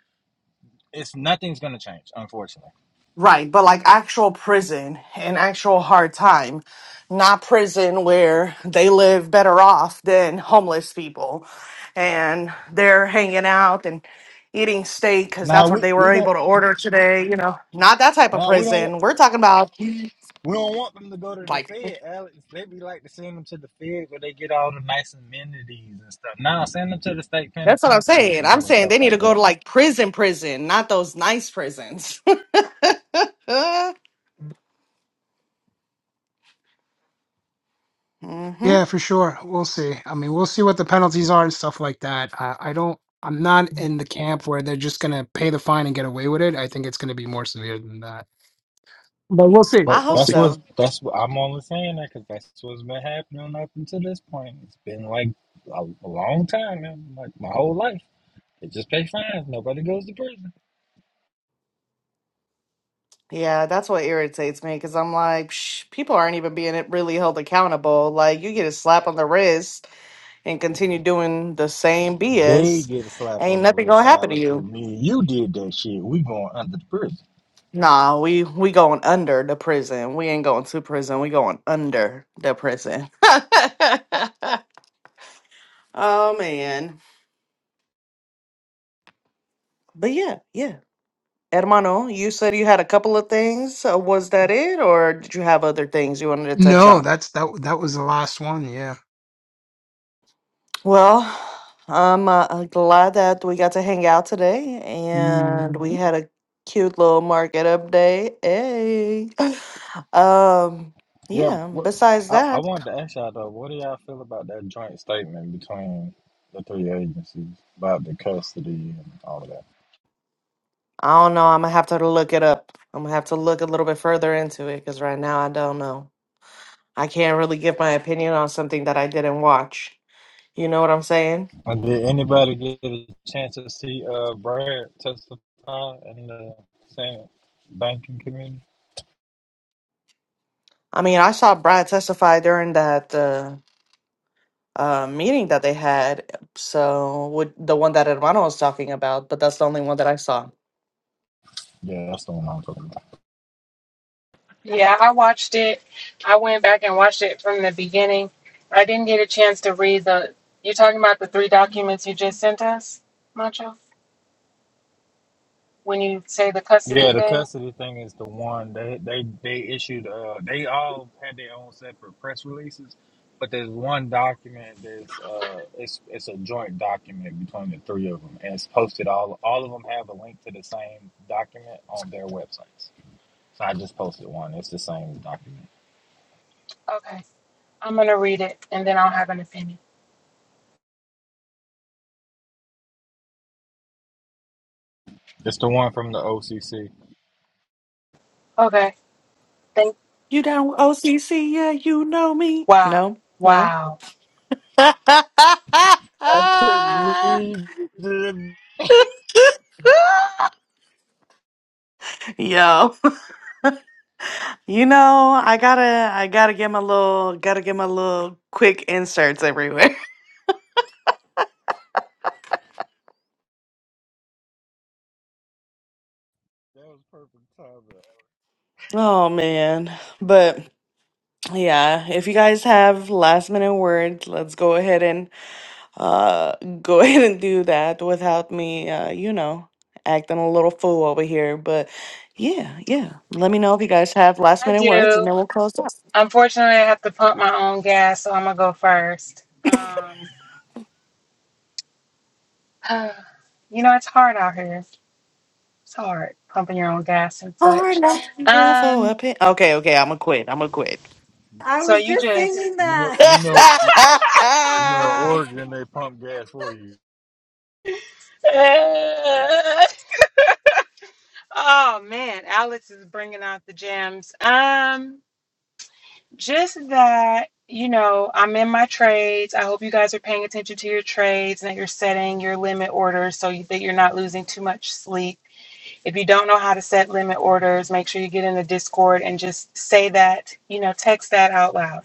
Speaker 3: It's nothing's gonna change, unfortunately.
Speaker 2: Right, but like actual prison and actual hard time, not prison where they live better off than homeless people and they're hanging out and eating steak because
Speaker 3: Now
Speaker 2: that's what
Speaker 3: we
Speaker 2: they were
Speaker 3: we gon'
Speaker 2: able to order today, you know, not that type of
Speaker 3: now we don't
Speaker 2: prison. We're talking about
Speaker 3: we don't want them to go to the
Speaker 2: like,
Speaker 3: Fed, Alex. They be like to send them to the Fed where they get all the nice amenities and stuff. Now send them to the state
Speaker 2: that's what I'm
Speaker 3: penitentiary for
Speaker 2: saying. I'm
Speaker 3: doing
Speaker 2: saying
Speaker 3: stuff
Speaker 2: they need to
Speaker 3: like
Speaker 2: go
Speaker 3: that.
Speaker 2: to like prison, prison, not those nice prisons. hmm
Speaker 1: Yeah, for sure. We'll see. I mean, we'll see what the penalties are and stuff like that. I, I don't. I'm not in the camp where they're just gonna pay the fine and get away with it. I think it's gonna be more severe than that. But
Speaker 2: I
Speaker 3: Well,
Speaker 2: hope
Speaker 3: that's
Speaker 2: so.
Speaker 3: what that's what I'm only saying that because that's what's been happening up until this point. It's been like a, a long time, man. Like my whole life. They just pay fines. Nobody goes to prison.
Speaker 2: Yeah, that's what irritates me because I'm like, Psh, people aren't even being really held accountable. Like, you get a slap on the wrist and continue doing the same
Speaker 3: They
Speaker 2: BS,
Speaker 3: get a slap on
Speaker 2: ain't
Speaker 3: the
Speaker 2: nothing gonna
Speaker 3: wrist,
Speaker 2: happen to
Speaker 3: Alex.
Speaker 2: you.
Speaker 3: And me and you did that shit. We going under the prison.
Speaker 2: Nah, we we going under the prison. We ain't going to prison. We going under the prison. oh man, but yeah, yeah. Hermano, you said you had a couple of things. Uh, Was that it, or did you have other things you wanted to touch
Speaker 1: No,
Speaker 2: on?
Speaker 1: that's that that was the last one, yeah.
Speaker 2: Well, I'm uh, uh, glad that we got to hang out today and we
Speaker 1: Mm,
Speaker 2: had a cute little market update. Hey. Um,
Speaker 3: Yeah,
Speaker 2: yeah,
Speaker 3: what,
Speaker 2: besides
Speaker 3: I, I
Speaker 2: that,
Speaker 3: wanted to ask y'all though, what do y'all feel about that joint statement between the three agencies about the custody and all of that?
Speaker 2: I don't know. I'm gonna have to look it up. I'm gonna have to look a little bit further into it because right now I don't know. I can't really give my opinion on something that I didn't watch. You know what I'm saying?
Speaker 3: And did anybody get a chance to see uh Brad testify in the same banking community?
Speaker 2: I mean, I saw Brad testify during that. uh, uh, meeting that they had. So would the one that Hermano was talking about, but that's the only one that I saw.
Speaker 3: Yeah, that's the one I'm talking about.
Speaker 4: Yeah, I watched it. I went back and watched it from the beginning. I didn't get a chance to read the. You're talking about the three documents you just sent us, Macho? When you say the custody
Speaker 3: Yeah, the
Speaker 4: thing?
Speaker 3: custody thing is the one they they they issued. Uh, they all had their own separate press releases, but there's one document that's uh, it's it's a joint document between the three of them, and it's posted. All all of them have a link to the same document on their websites. So I just posted one. It's the same document.
Speaker 4: Okay. I'm going to read it and then I'll have an opinion.
Speaker 3: Just to
Speaker 4: Okay. Thank.
Speaker 2: You down with OCC? Yeah, you know me.
Speaker 4: Wow.
Speaker 2: No, no.
Speaker 4: Wow.
Speaker 2: Yo, you know, I gotta, I gotta get my little, gotta get my little quick inserts everywhere.
Speaker 3: That was perfect timing.
Speaker 2: Oh man, but yeah, if you guys have last minute words, let's go ahead and uh go ahead and do that without me, uh, you know, acting a little fool over here. But yeah, yeah, let me know if you guys have last
Speaker 4: I
Speaker 2: minute words, and
Speaker 4: do.
Speaker 2: then we'll close up.
Speaker 4: Unfortunately, I have to pump my own gas, so I'm gonna go first. Um, you know, it's hard out here. It's hard pumping your own gas and
Speaker 2: Or
Speaker 4: such.
Speaker 2: not here for
Speaker 4: Um,
Speaker 2: a pin. Okay, okay, I'm gonna quit. I'm gonna quit.
Speaker 5: I
Speaker 4: so
Speaker 5: was
Speaker 4: you
Speaker 5: just
Speaker 4: just.
Speaker 5: thinking
Speaker 3: You know,
Speaker 5: that.
Speaker 3: you know, you you know, in Oregon they pump gas for you.
Speaker 4: oh man, Alex is bringing out the gems. Um, just that you know, I'm in my trades. I hope you guys are paying attention to your trades and that you're setting your limit orders so you, that you're not losing too much sleep If you don't know how to set limit orders, make sure you get in the Discord and just say that, you know, text that out loud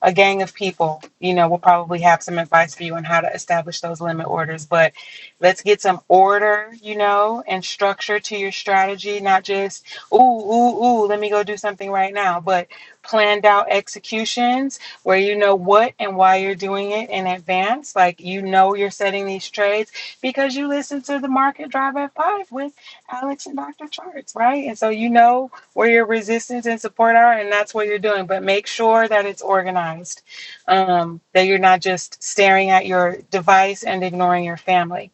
Speaker 4: a gang of people, you know, will probably have some advice for you on how to establish those limit orders. But let's get some order, you know, and structure to your strategy, not just, ooh, ooh, ooh, let me go do something right now, but planned out executions where you know what and why you're doing it in advance. Like you know you're setting these trades because you listen to the market drive at five with Alex and Dr. Charts, right? And so you know where your resistance and support are, and that's what you're doing. But make sure that it's organized, um, that you're not just staring at your device and ignoring your family.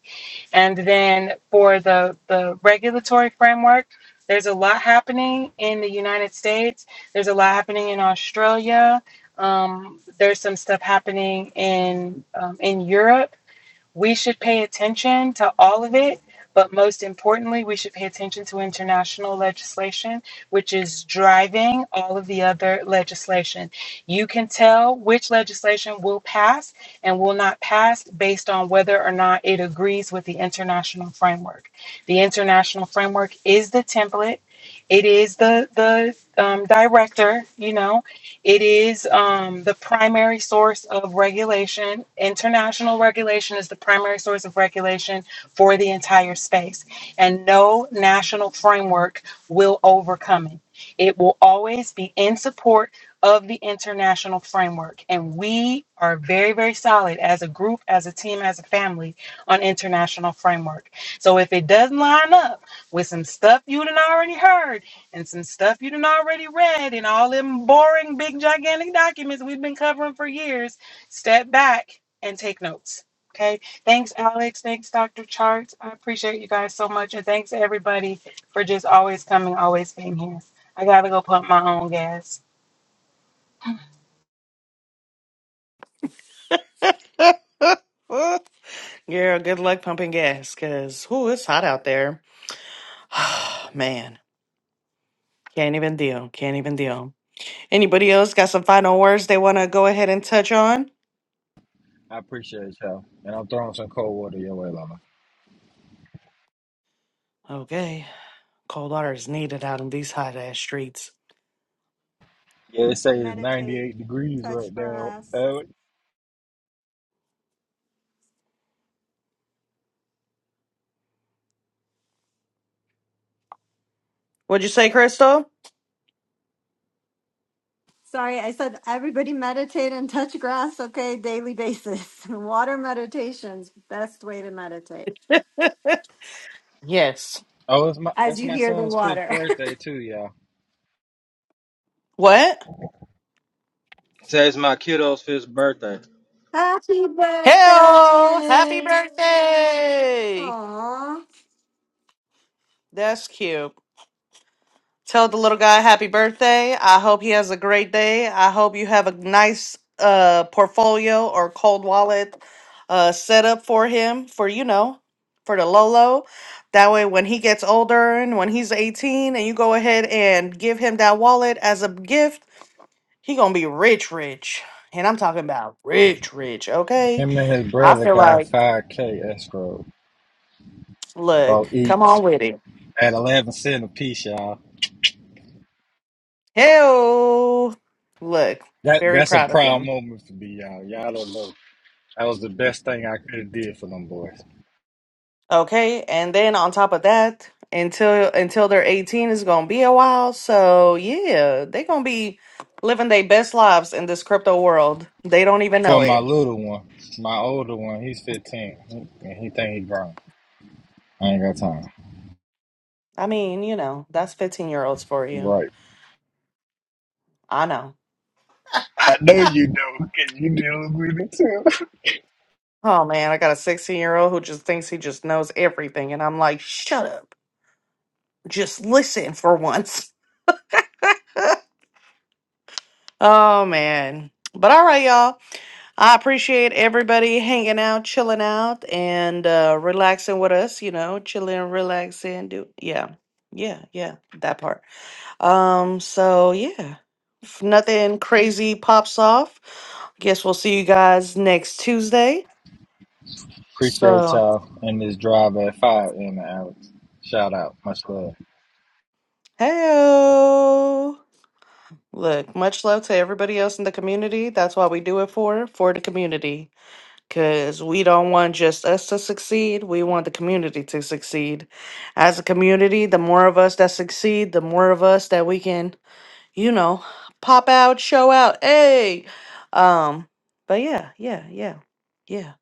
Speaker 4: And then for the the regulatory framework, there's a lot happening in the United States. There's a lot happening in Australia. Um, there's some stuff happening in um, in Europe we should pay attention to all of it, but most importantly, we should pay attention to international legislation, which is driving all of the other legislation. You can tell which legislation will pass and will not pass based on whether or not it agrees with the international framework. The international framework is the template. It is the the um, director, you know, it is um, the primary source of regulation. International regulation is the primary source of regulation for the entire space, and no national framework will overcome it. It will always be in support of the international framework, and we are very, very solid as a group, as a team, as a family on international framework. So if it doesn't line up with some stuff you done already heard, and some stuff you done already read in all them boring, big, gigantic documents we've been covering for years, step back and take notes. Okay. Thanks, Alex. Thanks, Dr. Charts. I appreciate you guys so much. And thanks, to everybody, for just always coming, always being here. I got to go pump my own gas.
Speaker 2: Girl, good luck pumping gas because, whoo, it's hot out there. Man, can't even deal. Can't even deal. Anybody else got some final words they want to go ahead and touch on?
Speaker 3: I appreciate y'all, and I'm throwing some cold water your way, Lama.
Speaker 2: Okay. Cold water is needed out in these hot ass streets.
Speaker 3: Yeah, They say it's
Speaker 5: Meditate,
Speaker 3: 98 degrees
Speaker 5: touch
Speaker 3: right now.
Speaker 5: grass.
Speaker 3: Uh,
Speaker 2: What'd you say, Crystal?
Speaker 5: Sorry, I said everybody meditate and touch grass, okay, daily basis. Water meditation's best way to meditate
Speaker 2: Yes.
Speaker 3: oh, it's my
Speaker 5: as
Speaker 3: it's
Speaker 5: you
Speaker 3: my
Speaker 5: hear the
Speaker 3: son's fifth
Speaker 5: water.
Speaker 3: birthday too, y'all.
Speaker 2: What?
Speaker 3: Say it's my kiddo's fifth birthday.
Speaker 5: Happy
Speaker 2: Hell, happy
Speaker 5: birthday!
Speaker 2: birthday!
Speaker 5: Aww.
Speaker 2: That's cute. Tell the little guy happy birthday. I hope he has a great day. I hope you have a nice uh portfolio or cold wallet uh set up for him for you know for the Lolo. That way when he gets older and when he's 18 and you go ahead and give him that wallet as a gift, he gonna be rich rich. And I'm talking about rich rich, okay?
Speaker 3: Him and his
Speaker 2: I
Speaker 3: brother
Speaker 2: feel
Speaker 3: got
Speaker 2: like
Speaker 3: 5K escrow for
Speaker 2: look, come
Speaker 3: each
Speaker 2: on with it.
Speaker 3: at 11 cent a piece, y'all.
Speaker 2: Hell look,
Speaker 3: That
Speaker 2: very
Speaker 3: that's a
Speaker 2: proud of
Speaker 3: proud
Speaker 2: them.
Speaker 3: moment for me, y'all. Y'all don't know. That was the best thing I could have did for them boys.
Speaker 2: Okay, and then on top of that, until until they're 18 is gonna be a while. So yeah, they gonna be living their best lives in this crypto world. They don't even know
Speaker 3: For my
Speaker 2: it.
Speaker 3: little one, my older one, he's 15, and he think he grown. I ain't got time.
Speaker 2: I mean, you know, that's 15 year olds for you.
Speaker 3: Right.
Speaker 2: I know.
Speaker 3: I know you know. 'Cause you do
Speaker 2: Oh man, I got a 16 year old who just thinks he just knows everything, and I'm like, shut up. Just listen for once. Oh man. But all right, y'all. I appreciate everybody hanging out, chilling out, and uh, relaxing with us. You know, chilling, relaxing. Do yeah, yeah, yeah, that part. Um, so yeah, if nothing crazy pops off. Guess we'll see you guys next Tuesday.
Speaker 3: Appreciate
Speaker 2: So
Speaker 3: y'all in this drive at five, and Alex. Shout out, much love.
Speaker 2: hey, look, much love to everybody else in the community. That's why we do it for for the community. because we don't want just us to succeed. We want the community to succeed. As a community, the more of us that succeed, the more of us that we can, you know, pop out, show out. Hey, um, but yeah, yeah, yeah, yeah.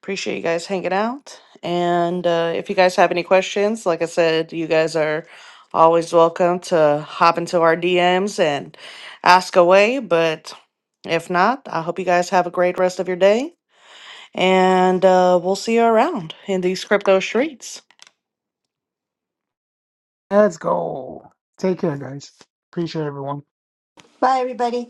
Speaker 2: Appreciate you guys hanging out. And uh, if you guys have any questions, like I said, you guys are always welcome to hop into our DMs and ask away. But if not, I hope you guys have a great rest of your day and uh, we'll see you around in these crypto streets.
Speaker 1: Let's go. Take care, guys. Appreciate everyone.
Speaker 5: Bye, everybody.